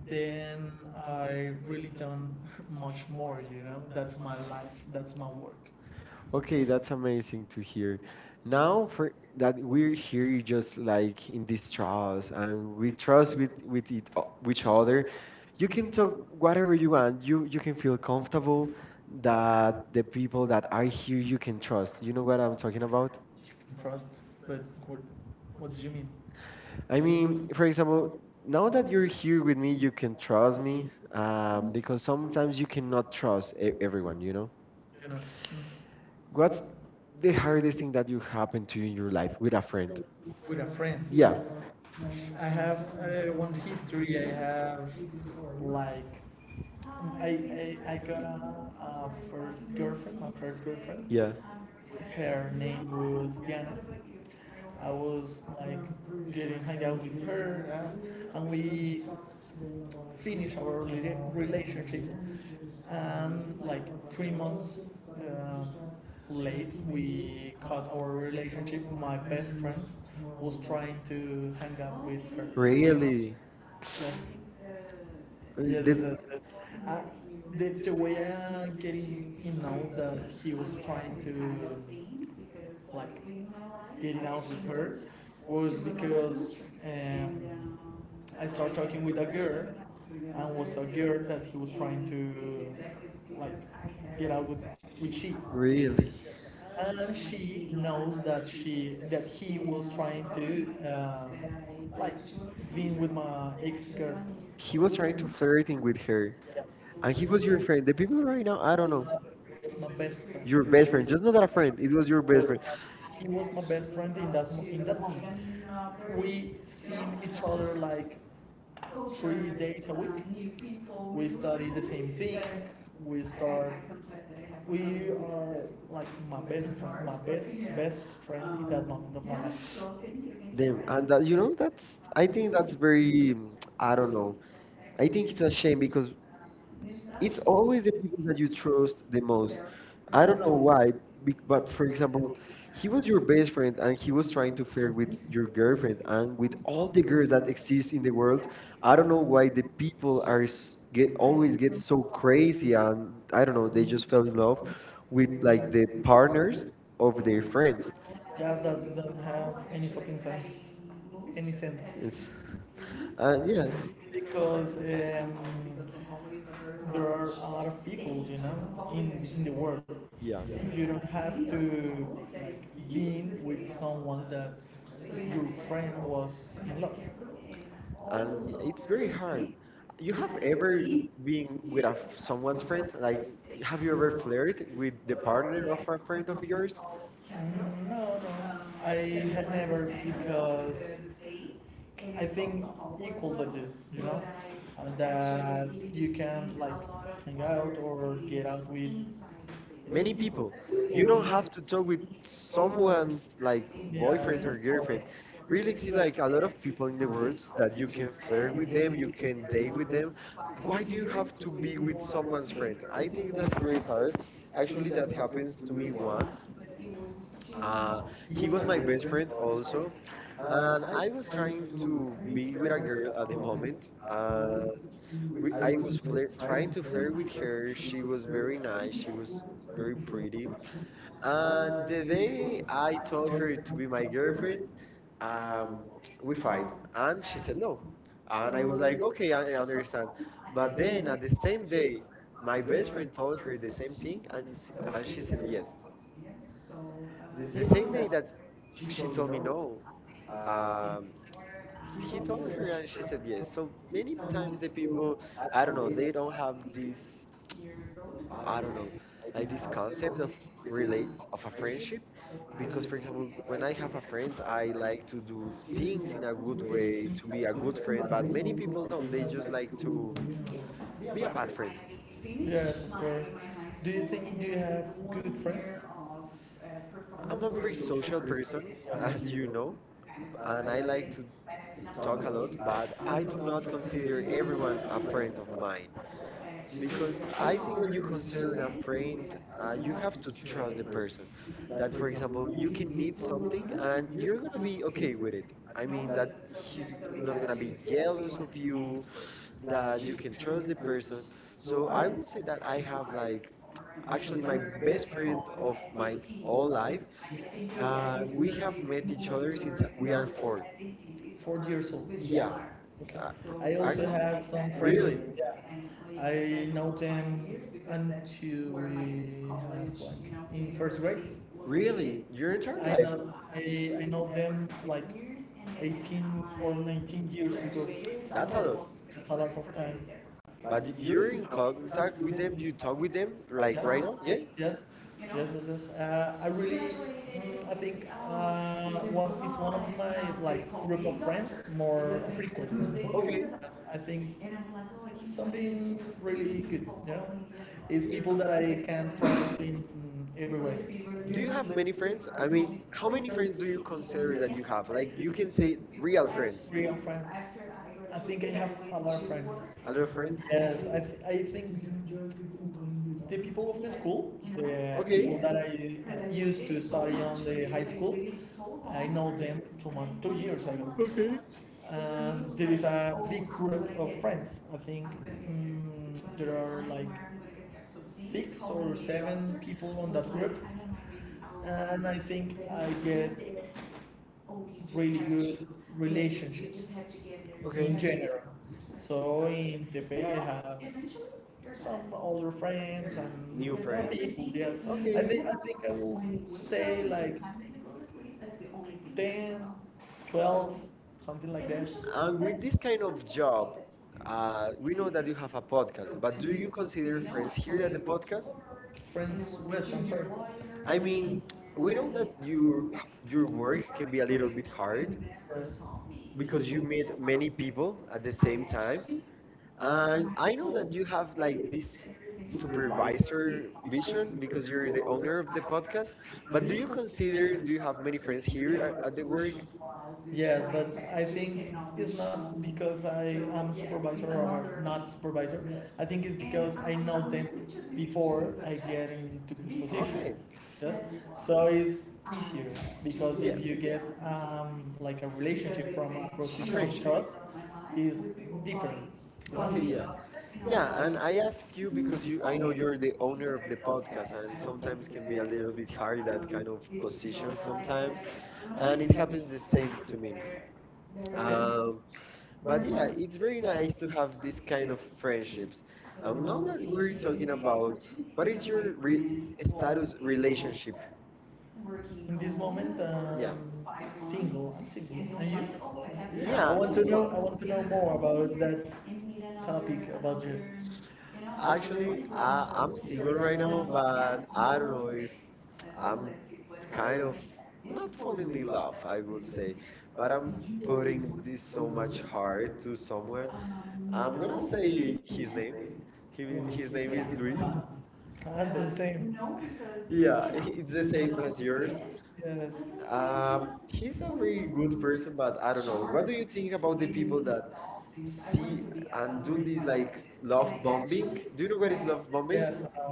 Speaker 1: then I really done [laughs] much more, you know? That's my life, that's my work.
Speaker 2: Okay,
Speaker 1: Okay,
Speaker 2: that's
Speaker 1: that's
Speaker 2: amazing to
Speaker 1: easy to
Speaker 2: hear.
Speaker 1: hear.
Speaker 2: Now
Speaker 1: Now, for-
Speaker 2: for that we're
Speaker 1: I
Speaker 2: here just like in
Speaker 1: these traumas,
Speaker 2: distrust and we trust
Speaker 1: trust
Speaker 2: with
Speaker 1: me,
Speaker 2: with it o- each
Speaker 1: each
Speaker 2: other.
Speaker 1: other.
Speaker 2: You
Speaker 1: You
Speaker 2: can
Speaker 1: can
Speaker 2: talk
Speaker 1: talk
Speaker 2: whatever
Speaker 1: very,
Speaker 2: you
Speaker 1: you
Speaker 2: want. You you can
Speaker 1: can
Speaker 2: feel
Speaker 1: talk something
Speaker 2: comfortable
Speaker 1: that
Speaker 2: that the people
Speaker 1: people
Speaker 2: that
Speaker 1: that
Speaker 2: are here
Speaker 1: actually you
Speaker 2: you can
Speaker 1: can trust.
Speaker 2: trust. You
Speaker 1: You
Speaker 2: know
Speaker 1: know
Speaker 2: what I'm
Speaker 1: what
Speaker 2: talking
Speaker 1: talking about?
Speaker 2: about?
Speaker 1: You can trust, but what, what do you mean?
Speaker 2: I
Speaker 1: I
Speaker 2: mean,
Speaker 1: mean,
Speaker 2: for
Speaker 1: for
Speaker 2: example,
Speaker 1: example,
Speaker 2: now
Speaker 1: now
Speaker 2: that
Speaker 1: that
Speaker 2: you're
Speaker 1: you're
Speaker 2: here with me,
Speaker 1: Creek
Speaker 2: you can
Speaker 1: and
Speaker 2: trust
Speaker 1: Crosby.
Speaker 2: me
Speaker 1: Uh,
Speaker 2: um, because sometimes
Speaker 1: sometimes
Speaker 2: you
Speaker 1: you can
Speaker 2: cannot trust
Speaker 1: trust the
Speaker 2: e-
Speaker 1: area.
Speaker 2: everyone, you know?
Speaker 1: You know. Mm.
Speaker 2: What's
Speaker 1: What's
Speaker 2: the
Speaker 1: the
Speaker 2: hardest
Speaker 1: hardest
Speaker 2: thing that you happened to
Speaker 1: thing
Speaker 2: in your
Speaker 1: to
Speaker 2: life with a
Speaker 1: like
Speaker 2: friend?
Speaker 1: with a friend?
Speaker 2: Yeah.
Speaker 1: Yeah. I have uh, one history. I have like I I, I got a, a first girlfriend. My first girlfriend.
Speaker 2: Yeah.
Speaker 1: Yeah. Her name was Diana. I was like getting hang out with her, and, and we finished our rela- relationship. And like three months uh, late, we cut our relationship. My best friend was trying to hang out with her. Really?
Speaker 2: Really?
Speaker 1: Yes,
Speaker 2: Uh,
Speaker 1: yes,
Speaker 2: The,
Speaker 1: yes, yes, yes. Uh, the, the way I getting in know that he was trying to like getting out with her was because um, I started talking with a girl and was a girl that he was trying to like get out with with she
Speaker 2: really?
Speaker 1: and she knows that she that he was trying to uh, like being with my ex girlfriend
Speaker 2: He
Speaker 1: He
Speaker 2: was
Speaker 1: was
Speaker 2: trying
Speaker 1: her,
Speaker 2: to flirting with her.
Speaker 1: yes.
Speaker 2: And
Speaker 1: And
Speaker 2: he
Speaker 1: he
Speaker 2: was
Speaker 1: was
Speaker 2: your friend. The people right now, I don't know.
Speaker 1: with It's my best friend
Speaker 2: Your
Speaker 1: your
Speaker 2: best
Speaker 1: best
Speaker 2: friend. Just not a friend. It was your best
Speaker 1: was
Speaker 2: friend.
Speaker 1: my, he was my best friend in that mo- in that moment. We seen each other like three days a week. We study the same thing. We start. We are like my best friend, my best best friend in that moment of my life. So thank you,
Speaker 2: Damn. And that,
Speaker 1: thank
Speaker 2: you
Speaker 1: you
Speaker 2: know, that's, I
Speaker 1: I, I
Speaker 2: think
Speaker 1: think that's
Speaker 2: that's
Speaker 1: pretty,
Speaker 2: very, mm, I
Speaker 1: I
Speaker 2: don't
Speaker 1: don't know.
Speaker 2: know.
Speaker 1: I
Speaker 2: I think
Speaker 1: think
Speaker 2: it's
Speaker 1: it's
Speaker 2: a
Speaker 1: a
Speaker 2: shame
Speaker 1: shame.
Speaker 2: because it's
Speaker 1: It's always
Speaker 2: always the
Speaker 1: because
Speaker 2: people that you trust the
Speaker 1: I
Speaker 2: most. I don't
Speaker 1: don't
Speaker 2: know
Speaker 1: know
Speaker 2: why,
Speaker 1: why,
Speaker 2: bec- but
Speaker 1: but
Speaker 2: for
Speaker 1: for
Speaker 2: example,
Speaker 1: example,
Speaker 2: he
Speaker 1: he
Speaker 2: was
Speaker 1: was
Speaker 2: your
Speaker 1: your
Speaker 2: best
Speaker 1: best
Speaker 2: friend
Speaker 1: friend.
Speaker 2: and he
Speaker 1: He
Speaker 2: was
Speaker 1: was
Speaker 2: trying
Speaker 1: trying
Speaker 2: to
Speaker 1: to
Speaker 2: flirt with
Speaker 1: prevent
Speaker 2: your
Speaker 1: your
Speaker 2: girlfriend
Speaker 1: girlfriend.
Speaker 2: and
Speaker 1: Like,
Speaker 2: with
Speaker 1: with
Speaker 2: all
Speaker 1: all
Speaker 2: the
Speaker 1: the
Speaker 2: girls
Speaker 1: girls
Speaker 2: that
Speaker 1: that
Speaker 2: exist in
Speaker 1: exist in
Speaker 2: the
Speaker 1: the
Speaker 2: world.
Speaker 1: world,
Speaker 2: I
Speaker 1: I
Speaker 2: don't
Speaker 1: don't
Speaker 2: know
Speaker 1: know
Speaker 2: why
Speaker 1: why
Speaker 2: the
Speaker 1: the
Speaker 2: people
Speaker 1: people
Speaker 2: are
Speaker 1: are
Speaker 2: s-
Speaker 1: s-
Speaker 2: get
Speaker 1: get
Speaker 2: always
Speaker 1: always
Speaker 2: get
Speaker 1: get so
Speaker 2: so crazy
Speaker 1: crazy.
Speaker 2: and I
Speaker 1: I
Speaker 2: don't know,
Speaker 1: don't know.
Speaker 2: they
Speaker 1: They
Speaker 2: just fell
Speaker 1: just
Speaker 2: in love
Speaker 1: dogs
Speaker 2: with
Speaker 1: with
Speaker 2: like
Speaker 1: like
Speaker 2: the
Speaker 1: their
Speaker 2: partners
Speaker 1: partners
Speaker 2: of
Speaker 1: of
Speaker 2: their
Speaker 1: their skin.
Speaker 2: friends.
Speaker 1: That that doesn't have any fucking sense. Any sense.
Speaker 2: Yes. Uh,
Speaker 1: And
Speaker 2: yeah.
Speaker 1: yeah, because um, there are a lot of people, you know, in, in the world.
Speaker 2: Yeah.
Speaker 1: Yeah. You don't have to like, be in with someone that your friend was in love.
Speaker 2: And y- it's very hard.
Speaker 1: And it's
Speaker 2: You
Speaker 1: you
Speaker 2: have
Speaker 1: have ever
Speaker 2: ever been with a, f- someone's
Speaker 1: what's
Speaker 2: friend?
Speaker 1: her,
Speaker 2: Like,
Speaker 1: like,
Speaker 2: have
Speaker 1: come
Speaker 2: you ever
Speaker 1: here,
Speaker 2: flirted with the partner of a friend of yours?
Speaker 1: Mm, no, no, I had never because I think equal the two, you know, and that you can like hang out or get out with
Speaker 2: Many
Speaker 1: many
Speaker 2: people.
Speaker 1: people,
Speaker 2: You
Speaker 1: you
Speaker 2: don't
Speaker 1: don't
Speaker 2: have
Speaker 1: have to
Speaker 2: to talk with
Speaker 1: struggle
Speaker 2: someone's
Speaker 1: and
Speaker 2: like
Speaker 1: yeah,
Speaker 2: boyfriend
Speaker 1: yes,
Speaker 2: or
Speaker 1: of
Speaker 2: girlfriend.
Speaker 1: course.
Speaker 2: Really
Speaker 1: Really
Speaker 2: exist
Speaker 1: see
Speaker 2: like
Speaker 1: like,
Speaker 2: a
Speaker 1: a
Speaker 2: lot
Speaker 1: lot
Speaker 2: of
Speaker 1: of
Speaker 2: people in the
Speaker 1: people
Speaker 2: world that
Speaker 1: that
Speaker 2: you
Speaker 1: you
Speaker 2: can
Speaker 1: can play
Speaker 2: flirt with
Speaker 1: with
Speaker 2: them,
Speaker 1: them,
Speaker 2: you
Speaker 1: you can
Speaker 2: can
Speaker 1: play
Speaker 2: date with
Speaker 1: with
Speaker 2: them.
Speaker 1: them,
Speaker 2: Why
Speaker 1: why
Speaker 2: do
Speaker 1: do
Speaker 2: you
Speaker 1: you
Speaker 2: have
Speaker 1: have
Speaker 2: to
Speaker 1: to
Speaker 2: be
Speaker 1: be
Speaker 2: with
Speaker 1: with so
Speaker 2: someone's
Speaker 1: much
Speaker 2: friend?
Speaker 1: weight?
Speaker 2: I
Speaker 1: I
Speaker 2: think
Speaker 1: think
Speaker 2: that's
Speaker 1: that's
Speaker 2: very
Speaker 1: very
Speaker 2: hard.
Speaker 1: hard.
Speaker 2: Actually,
Speaker 1: Actually,
Speaker 2: that
Speaker 1: that
Speaker 2: happens
Speaker 1: happens
Speaker 2: to
Speaker 1: to
Speaker 2: me
Speaker 1: me
Speaker 2: once.
Speaker 1: once.
Speaker 2: Uh,
Speaker 1: Uh,
Speaker 2: he
Speaker 1: he
Speaker 2: was
Speaker 1: was
Speaker 2: my
Speaker 1: my
Speaker 2: best
Speaker 1: best
Speaker 2: friend
Speaker 1: friend for
Speaker 2: also, and
Speaker 1: and
Speaker 2: I
Speaker 1: I
Speaker 2: was
Speaker 1: was trying
Speaker 2: trying to
Speaker 1: to be
Speaker 2: be with a girl
Speaker 1: better
Speaker 2: at
Speaker 1: at
Speaker 2: the
Speaker 1: the
Speaker 2: moment.
Speaker 1: moment.
Speaker 2: Uh,
Speaker 1: And
Speaker 2: we,
Speaker 1: we-
Speaker 2: I
Speaker 1: I was
Speaker 2: was
Speaker 1: play,
Speaker 2: flir- trying
Speaker 1: trying
Speaker 2: to
Speaker 1: to play
Speaker 2: flirt with
Speaker 1: with her.
Speaker 2: her.
Speaker 1: She
Speaker 2: She
Speaker 1: was
Speaker 2: was very
Speaker 1: very
Speaker 2: nice. She
Speaker 1: kind,
Speaker 2: was
Speaker 1: very
Speaker 2: very
Speaker 1: pretty.
Speaker 2: pretty and
Speaker 1: And
Speaker 2: the
Speaker 1: today,
Speaker 2: day
Speaker 1: I
Speaker 2: I
Speaker 1: told
Speaker 2: told
Speaker 1: her
Speaker 2: her
Speaker 1: that
Speaker 2: to be
Speaker 1: we
Speaker 2: my
Speaker 1: are
Speaker 2: girlfriend,
Speaker 1: perfect. Um,
Speaker 2: um, we
Speaker 1: we
Speaker 2: fight.
Speaker 1: fight. And
Speaker 2: And she
Speaker 1: she
Speaker 2: said
Speaker 1: said,
Speaker 2: no. And
Speaker 1: and
Speaker 2: I
Speaker 1: I
Speaker 2: was
Speaker 1: was
Speaker 2: like,
Speaker 1: like,
Speaker 2: okay,
Speaker 1: okay,
Speaker 2: I I
Speaker 1: I'm not
Speaker 2: understand. But
Speaker 1: but
Speaker 2: then
Speaker 1: then
Speaker 2: at
Speaker 1: at
Speaker 2: the
Speaker 1: the same
Speaker 2: same
Speaker 1: day,
Speaker 2: day, my
Speaker 1: my
Speaker 2: best
Speaker 1: best
Speaker 2: friend
Speaker 1: friend
Speaker 2: told her
Speaker 1: Oliver
Speaker 2: the
Speaker 1: says
Speaker 2: same
Speaker 1: she,
Speaker 2: thing,
Speaker 1: and
Speaker 2: and s-
Speaker 1: this is
Speaker 2: and
Speaker 1: how
Speaker 2: she
Speaker 1: she
Speaker 2: said
Speaker 1: says
Speaker 2: yes.
Speaker 1: this.
Speaker 2: The
Speaker 1: The
Speaker 2: same
Speaker 1: same
Speaker 2: day
Speaker 1: day
Speaker 2: that
Speaker 1: that
Speaker 2: she
Speaker 1: she
Speaker 2: told me
Speaker 1: told me no,
Speaker 2: no,
Speaker 1: uh,
Speaker 2: um, he
Speaker 1: she told
Speaker 2: told
Speaker 1: me
Speaker 2: her and
Speaker 1: that
Speaker 2: she
Speaker 1: she
Speaker 2: said
Speaker 1: said,
Speaker 2: yes.
Speaker 1: so
Speaker 2: So many times the people,
Speaker 1: at
Speaker 2: I don't know, they
Speaker 1: this,
Speaker 2: don't
Speaker 1: years
Speaker 2: have this.
Speaker 1: old.
Speaker 2: I
Speaker 1: I
Speaker 2: don't
Speaker 1: don't
Speaker 2: know,
Speaker 1: know.
Speaker 2: like
Speaker 1: At
Speaker 2: this
Speaker 1: this council
Speaker 2: concept of
Speaker 1: of
Speaker 2: relate
Speaker 1: the
Speaker 2: of a friendship.
Speaker 1: friendship,
Speaker 2: Because,
Speaker 1: because
Speaker 2: for
Speaker 1: for
Speaker 2: example,
Speaker 1: example,
Speaker 2: when
Speaker 1: when
Speaker 2: I
Speaker 1: I
Speaker 2: have a
Speaker 1: feel
Speaker 2: friend,
Speaker 1: like
Speaker 2: I
Speaker 1: I
Speaker 2: like to do
Speaker 1: feel
Speaker 2: things in
Speaker 1: in
Speaker 2: a good
Speaker 1: way,
Speaker 2: way, to be a good
Speaker 1: a
Speaker 2: friend. But
Speaker 1: but many
Speaker 2: many people
Speaker 1: people
Speaker 2: don't.
Speaker 1: they
Speaker 2: They just
Speaker 1: just
Speaker 2: like
Speaker 1: like
Speaker 2: to
Speaker 1: to
Speaker 2: be
Speaker 1: be
Speaker 2: a
Speaker 1: a
Speaker 2: bad
Speaker 1: bad
Speaker 2: friend.
Speaker 1: friend. Yes, of course. Do you think- do you have good friends? Year uh, I'm
Speaker 2: I'm a
Speaker 1: not
Speaker 2: very
Speaker 1: very
Speaker 2: social
Speaker 1: social person,
Speaker 2: person, [laughs] as
Speaker 1: as
Speaker 2: you
Speaker 1: you know,
Speaker 2: know,
Speaker 1: and
Speaker 2: and I
Speaker 1: I
Speaker 2: like to
Speaker 1: like talk
Speaker 2: talk a
Speaker 1: a
Speaker 2: lot.
Speaker 1: lot.
Speaker 2: But
Speaker 1: I,
Speaker 2: I
Speaker 1: I
Speaker 2: do
Speaker 1: do
Speaker 2: not
Speaker 1: not consider
Speaker 2: consider
Speaker 1: everyone
Speaker 2: everyone
Speaker 1: as
Speaker 2: a
Speaker 1: a
Speaker 2: friend of
Speaker 1: friend, but
Speaker 2: mine. Because
Speaker 1: because I
Speaker 2: I think
Speaker 1: think
Speaker 2: when
Speaker 1: when
Speaker 2: you
Speaker 1: you consider
Speaker 2: consider a
Speaker 1: that, I
Speaker 2: friend,
Speaker 1: mean,
Speaker 2: uh,
Speaker 1: uh,
Speaker 2: you
Speaker 1: you
Speaker 2: have
Speaker 1: have to
Speaker 2: to trust
Speaker 1: choose
Speaker 2: the
Speaker 1: the person.
Speaker 2: person. That,
Speaker 1: That,
Speaker 2: for
Speaker 1: for
Speaker 2: example,
Speaker 1: example,
Speaker 2: you
Speaker 1: you
Speaker 2: can
Speaker 1: can
Speaker 2: need
Speaker 1: meet someone
Speaker 2: something and
Speaker 1: and
Speaker 2: you're
Speaker 1: you're
Speaker 2: gonna
Speaker 1: really
Speaker 2: be
Speaker 1: okay
Speaker 2: okay
Speaker 1: with
Speaker 2: with it.
Speaker 1: it. I
Speaker 2: I mean,
Speaker 1: mean,
Speaker 2: that
Speaker 1: that
Speaker 2: he's
Speaker 1: you
Speaker 2: not gonna be
Speaker 1: uh, you
Speaker 2: jealous of
Speaker 1: get
Speaker 2: you,
Speaker 1: you
Speaker 2: that
Speaker 1: that
Speaker 2: you
Speaker 1: you
Speaker 2: can trust
Speaker 1: choose
Speaker 2: the
Speaker 1: the
Speaker 2: person.
Speaker 1: person.
Speaker 2: So
Speaker 1: So
Speaker 2: I
Speaker 1: I
Speaker 2: would
Speaker 1: was
Speaker 2: say that I
Speaker 1: I have
Speaker 2: have like
Speaker 1: like
Speaker 2: actually
Speaker 1: actually
Speaker 2: my
Speaker 1: my
Speaker 2: best
Speaker 1: best friend
Speaker 2: friend
Speaker 1: of
Speaker 2: of my
Speaker 1: my
Speaker 2: whole
Speaker 1: whole
Speaker 2: life.
Speaker 1: life. Uh,
Speaker 2: Uh, we
Speaker 1: we
Speaker 2: have
Speaker 1: have met
Speaker 2: met each
Speaker 1: each
Speaker 2: other
Speaker 1: other
Speaker 2: since
Speaker 1: since
Speaker 2: we
Speaker 1: we
Speaker 2: are
Speaker 1: are
Speaker 2: four.
Speaker 1: four. Four years old.
Speaker 2: Yeah,
Speaker 1: Yeah,
Speaker 2: I,
Speaker 1: okay. So I
Speaker 2: I-
Speaker 1: also have some
Speaker 2: really.
Speaker 1: friends, yeah. I know them until we have like in first grade.
Speaker 2: Really,
Speaker 1: Really?
Speaker 2: your entire
Speaker 1: I
Speaker 2: life.
Speaker 1: know I, I know them So, like eighteen or nineteen years ago.
Speaker 2: That's
Speaker 1: That's
Speaker 2: a
Speaker 1: a
Speaker 2: lot.
Speaker 1: lot. That's a lot of time. There
Speaker 2: But
Speaker 1: you're
Speaker 2: you're in
Speaker 1: in
Speaker 2: contact
Speaker 1: contact
Speaker 2: with
Speaker 1: with
Speaker 2: them.
Speaker 1: them, you
Speaker 2: You talk
Speaker 1: talk
Speaker 2: with them
Speaker 1: with
Speaker 2: like right
Speaker 1: them.
Speaker 2: now. Yeah.
Speaker 1: Like, yes. Yes, you know? Yes, yes, yes. Uh, I really, mm, I think um, uh, one is one of my like group of friends more frequent.
Speaker 2: Okay.
Speaker 1: I think like, oh, something really good. Yeah, it's people that I can trust in mm, every way. Really do
Speaker 2: Do you
Speaker 1: you
Speaker 2: have
Speaker 1: have good many
Speaker 2: many friends?
Speaker 1: friends?
Speaker 2: I
Speaker 1: I
Speaker 2: mean,
Speaker 1: mean,
Speaker 2: how
Speaker 1: how
Speaker 2: many
Speaker 1: many
Speaker 2: friends do
Speaker 1: do
Speaker 2: you
Speaker 1: you consider
Speaker 2: consider that you have?
Speaker 1: that
Speaker 2: Like
Speaker 1: like,
Speaker 2: you
Speaker 1: you
Speaker 2: can
Speaker 1: can say
Speaker 2: say real friends.
Speaker 1: real friends. I I think I have a lot of friends.
Speaker 2: A lot
Speaker 1: Other
Speaker 2: of friends.
Speaker 1: friends? Yes, I, th- I think the people of the school, the yes
Speaker 2: Okay.
Speaker 1: people that I used to study on the high school. I know them two months, two years ago.
Speaker 2: Okay.
Speaker 1: And there is a big group of friends. I think mm, there are like six or seven people on that group, and I think I get oh, really good relationships
Speaker 2: Okay.
Speaker 1: in general. So in Tepe, I have some older friends
Speaker 2: Mm,
Speaker 1: and
Speaker 2: new
Speaker 1: New there
Speaker 2: friends.
Speaker 1: people. Yes,
Speaker 2: Okay.
Speaker 1: I think I think I will say like ten, twelve, something like that.
Speaker 2: And
Speaker 1: Um,
Speaker 2: with this kind of job,
Speaker 1: uh,
Speaker 2: uh, we know that you have a podcast, but do you
Speaker 1: so,
Speaker 2: consider friends here at the podcast?
Speaker 1: friends with, I'm sorry. I
Speaker 2: I mean,
Speaker 1: mean,
Speaker 2: we
Speaker 1: where
Speaker 2: know
Speaker 1: did
Speaker 2: that you,
Speaker 1: you? True
Speaker 2: your
Speaker 1: work
Speaker 2: work can be a little
Speaker 1: really
Speaker 2: bit hard
Speaker 1: because
Speaker 2: because you
Speaker 1: you need
Speaker 2: meet
Speaker 1: to work
Speaker 2: many people at
Speaker 1: at
Speaker 2: the
Speaker 1: the same
Speaker 2: same time.
Speaker 1: time.
Speaker 2: And
Speaker 1: And
Speaker 2: I know
Speaker 1: you
Speaker 2: that you
Speaker 1: have
Speaker 2: have
Speaker 1: like
Speaker 2: like
Speaker 1: this
Speaker 2: this
Speaker 1: supervisor
Speaker 2: supervisor vision
Speaker 1: function because
Speaker 2: because
Speaker 1: you're
Speaker 2: you're the
Speaker 1: the
Speaker 2: owner
Speaker 1: owner.
Speaker 2: of the podcast, but
Speaker 1: Do
Speaker 2: do
Speaker 1: you
Speaker 2: you
Speaker 1: consider
Speaker 2: consider, do you
Speaker 1: yourself
Speaker 2: have
Speaker 1: like a
Speaker 2: many friends
Speaker 1: crazy.
Speaker 2: here at, at the work?
Speaker 1: Yes, but I think it's not because I am supervisor or not supervisor. I think it's because I know them before I get into this position.
Speaker 2: Okay.
Speaker 1: Yes.
Speaker 2: y-
Speaker 1: So it's easier because
Speaker 2: Yeah,
Speaker 1: if you get um, like a relationship from a
Speaker 2: a
Speaker 1: professional
Speaker 2: friendship.
Speaker 1: trust, is different.
Speaker 2: Okay,
Speaker 1: You
Speaker 2: yeah.
Speaker 1: know? Yeah,
Speaker 2: Yeah,
Speaker 1: I
Speaker 2: and
Speaker 1: mean, I
Speaker 2: I
Speaker 1: guess,
Speaker 2: ask you
Speaker 1: because
Speaker 2: because
Speaker 1: you,
Speaker 2: you
Speaker 1: I
Speaker 2: I know you're
Speaker 1: heard
Speaker 2: the owner
Speaker 1: the
Speaker 2: of the podcast
Speaker 1: podcast,
Speaker 2: and sometimes
Speaker 1: sometimes we
Speaker 2: can be
Speaker 1: get
Speaker 2: a
Speaker 1: there
Speaker 2: little bit
Speaker 1: with
Speaker 2: hard
Speaker 1: podcast
Speaker 2: that
Speaker 1: and
Speaker 2: kind of
Speaker 1: position
Speaker 2: position sometimes
Speaker 1: sometimes, and
Speaker 2: and it
Speaker 1: we have the same
Speaker 2: happens the
Speaker 1: it.
Speaker 2: same to me.
Speaker 1: Okay. Um,
Speaker 2: Um,
Speaker 1: but
Speaker 2: But yeah,
Speaker 1: unless
Speaker 2: it's
Speaker 1: it's
Speaker 2: very nice
Speaker 1: recognized
Speaker 2: to
Speaker 1: through
Speaker 2: have this
Speaker 1: the
Speaker 2: kind
Speaker 1: period
Speaker 2: of
Speaker 1: of integration.
Speaker 2: friendships.
Speaker 1: So
Speaker 2: Um, now
Speaker 1: know
Speaker 2: that
Speaker 1: that
Speaker 2: we're
Speaker 1: we're talking
Speaker 2: talking
Speaker 1: about,
Speaker 2: about what
Speaker 1: what
Speaker 2: is
Speaker 1: is your
Speaker 2: your re
Speaker 1: agreement,
Speaker 2: status
Speaker 1: status relationship?
Speaker 2: relationship?
Speaker 1: Working. In this moment,
Speaker 2: Yeah,
Speaker 1: um, months. Single. I'm single. And And you? Like, oh, I have. Yeah.
Speaker 2: yeah.
Speaker 1: I want to know.
Speaker 2: Well,
Speaker 1: I want to know more about that topic about you. Actually,
Speaker 2: actually,
Speaker 1: another-
Speaker 2: I,
Speaker 1: I am
Speaker 2: I'm
Speaker 1: single
Speaker 2: single
Speaker 1: right
Speaker 2: right now,
Speaker 1: now, but yeah, I'm
Speaker 2: but
Speaker 1: Let's, I'm
Speaker 2: I don't know if I'm
Speaker 1: kind
Speaker 2: kind of
Speaker 1: of, not
Speaker 2: not falling
Speaker 1: falling
Speaker 2: in
Speaker 1: in
Speaker 2: love,
Speaker 1: love,
Speaker 2: I
Speaker 1: I would
Speaker 2: would
Speaker 1: say.
Speaker 2: say,
Speaker 1: But
Speaker 2: but I'm
Speaker 1: I'm enjoying
Speaker 2: putting this
Speaker 1: it's so
Speaker 2: so much
Speaker 1: much art
Speaker 2: heart to
Speaker 1: to somewhere.
Speaker 2: someone.
Speaker 1: Um, I'm
Speaker 2: I'm
Speaker 1: no.
Speaker 2: gonna
Speaker 1: Gonna say
Speaker 2: say
Speaker 1: his,
Speaker 2: his
Speaker 1: yes,
Speaker 2: name. He,
Speaker 1: name.
Speaker 2: his
Speaker 1: His name,
Speaker 2: name
Speaker 1: yeah,
Speaker 2: is
Speaker 1: is
Speaker 2: Luis.
Speaker 1: Luis. That's uh, the, Um, same, no,
Speaker 2: [laughs]
Speaker 1: because, you, yeah,
Speaker 2: Yeah, [laughs]
Speaker 1: you know,
Speaker 2: it's
Speaker 1: he's
Speaker 2: the
Speaker 1: the
Speaker 2: same
Speaker 1: same
Speaker 2: as
Speaker 1: as
Speaker 2: yours.
Speaker 1: yours. Yes.
Speaker 2: Um,
Speaker 1: Um,
Speaker 2: he's
Speaker 1: he's
Speaker 2: a
Speaker 1: a very
Speaker 2: very good
Speaker 1: good
Speaker 2: person,
Speaker 1: person,
Speaker 2: but
Speaker 1: but
Speaker 2: I
Speaker 1: I
Speaker 2: don't know.
Speaker 1: don't
Speaker 2: What
Speaker 1: know.
Speaker 2: do
Speaker 1: Sure.
Speaker 2: you
Speaker 1: Have seen
Speaker 2: think about
Speaker 1: all
Speaker 2: the
Speaker 1: the
Speaker 2: people
Speaker 1: people
Speaker 2: that
Speaker 1: that I
Speaker 2: see
Speaker 1: wanted to be a
Speaker 2: and
Speaker 1: and
Speaker 2: do
Speaker 1: really
Speaker 2: this like
Speaker 1: like
Speaker 2: love
Speaker 1: biologist.
Speaker 2: bombing?
Speaker 1: Love,
Speaker 2: Do you know what is
Speaker 1: yes,
Speaker 2: love
Speaker 1: um,
Speaker 2: bombing?
Speaker 1: yes. I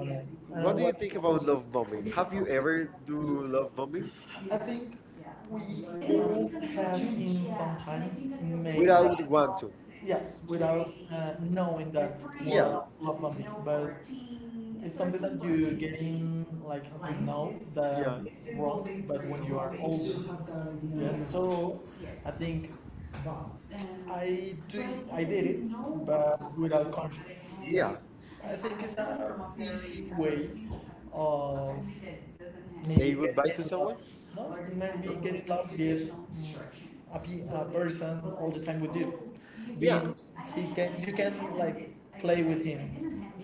Speaker 1: don't
Speaker 2: What
Speaker 1: know
Speaker 2: do you
Speaker 1: what,
Speaker 2: think about
Speaker 1: because
Speaker 2: love bombing? Have you ever
Speaker 1: haven't
Speaker 2: do love bombing
Speaker 1: I, yeah, think, yeah, we all have in, yeah, sometimes think,
Speaker 2: without want to?
Speaker 1: yes, without uh, knowing that
Speaker 2: Yeah,
Speaker 1: were love, but it's something that you get in, like you know that
Speaker 2: yeah,
Speaker 1: it's wrong, but when you are older, yes. So I think I do, I did it, but without conscience. Yeah.
Speaker 2: yeah.
Speaker 1: I think it's an easy way of maybe
Speaker 2: Say goodbye to
Speaker 1: getting love.
Speaker 2: someone?
Speaker 1: No,
Speaker 2: No?
Speaker 1: maybe getting love, get, mm, a, pe- a person all the time with you
Speaker 2: Yeah,
Speaker 1: being, he can you can like play with him.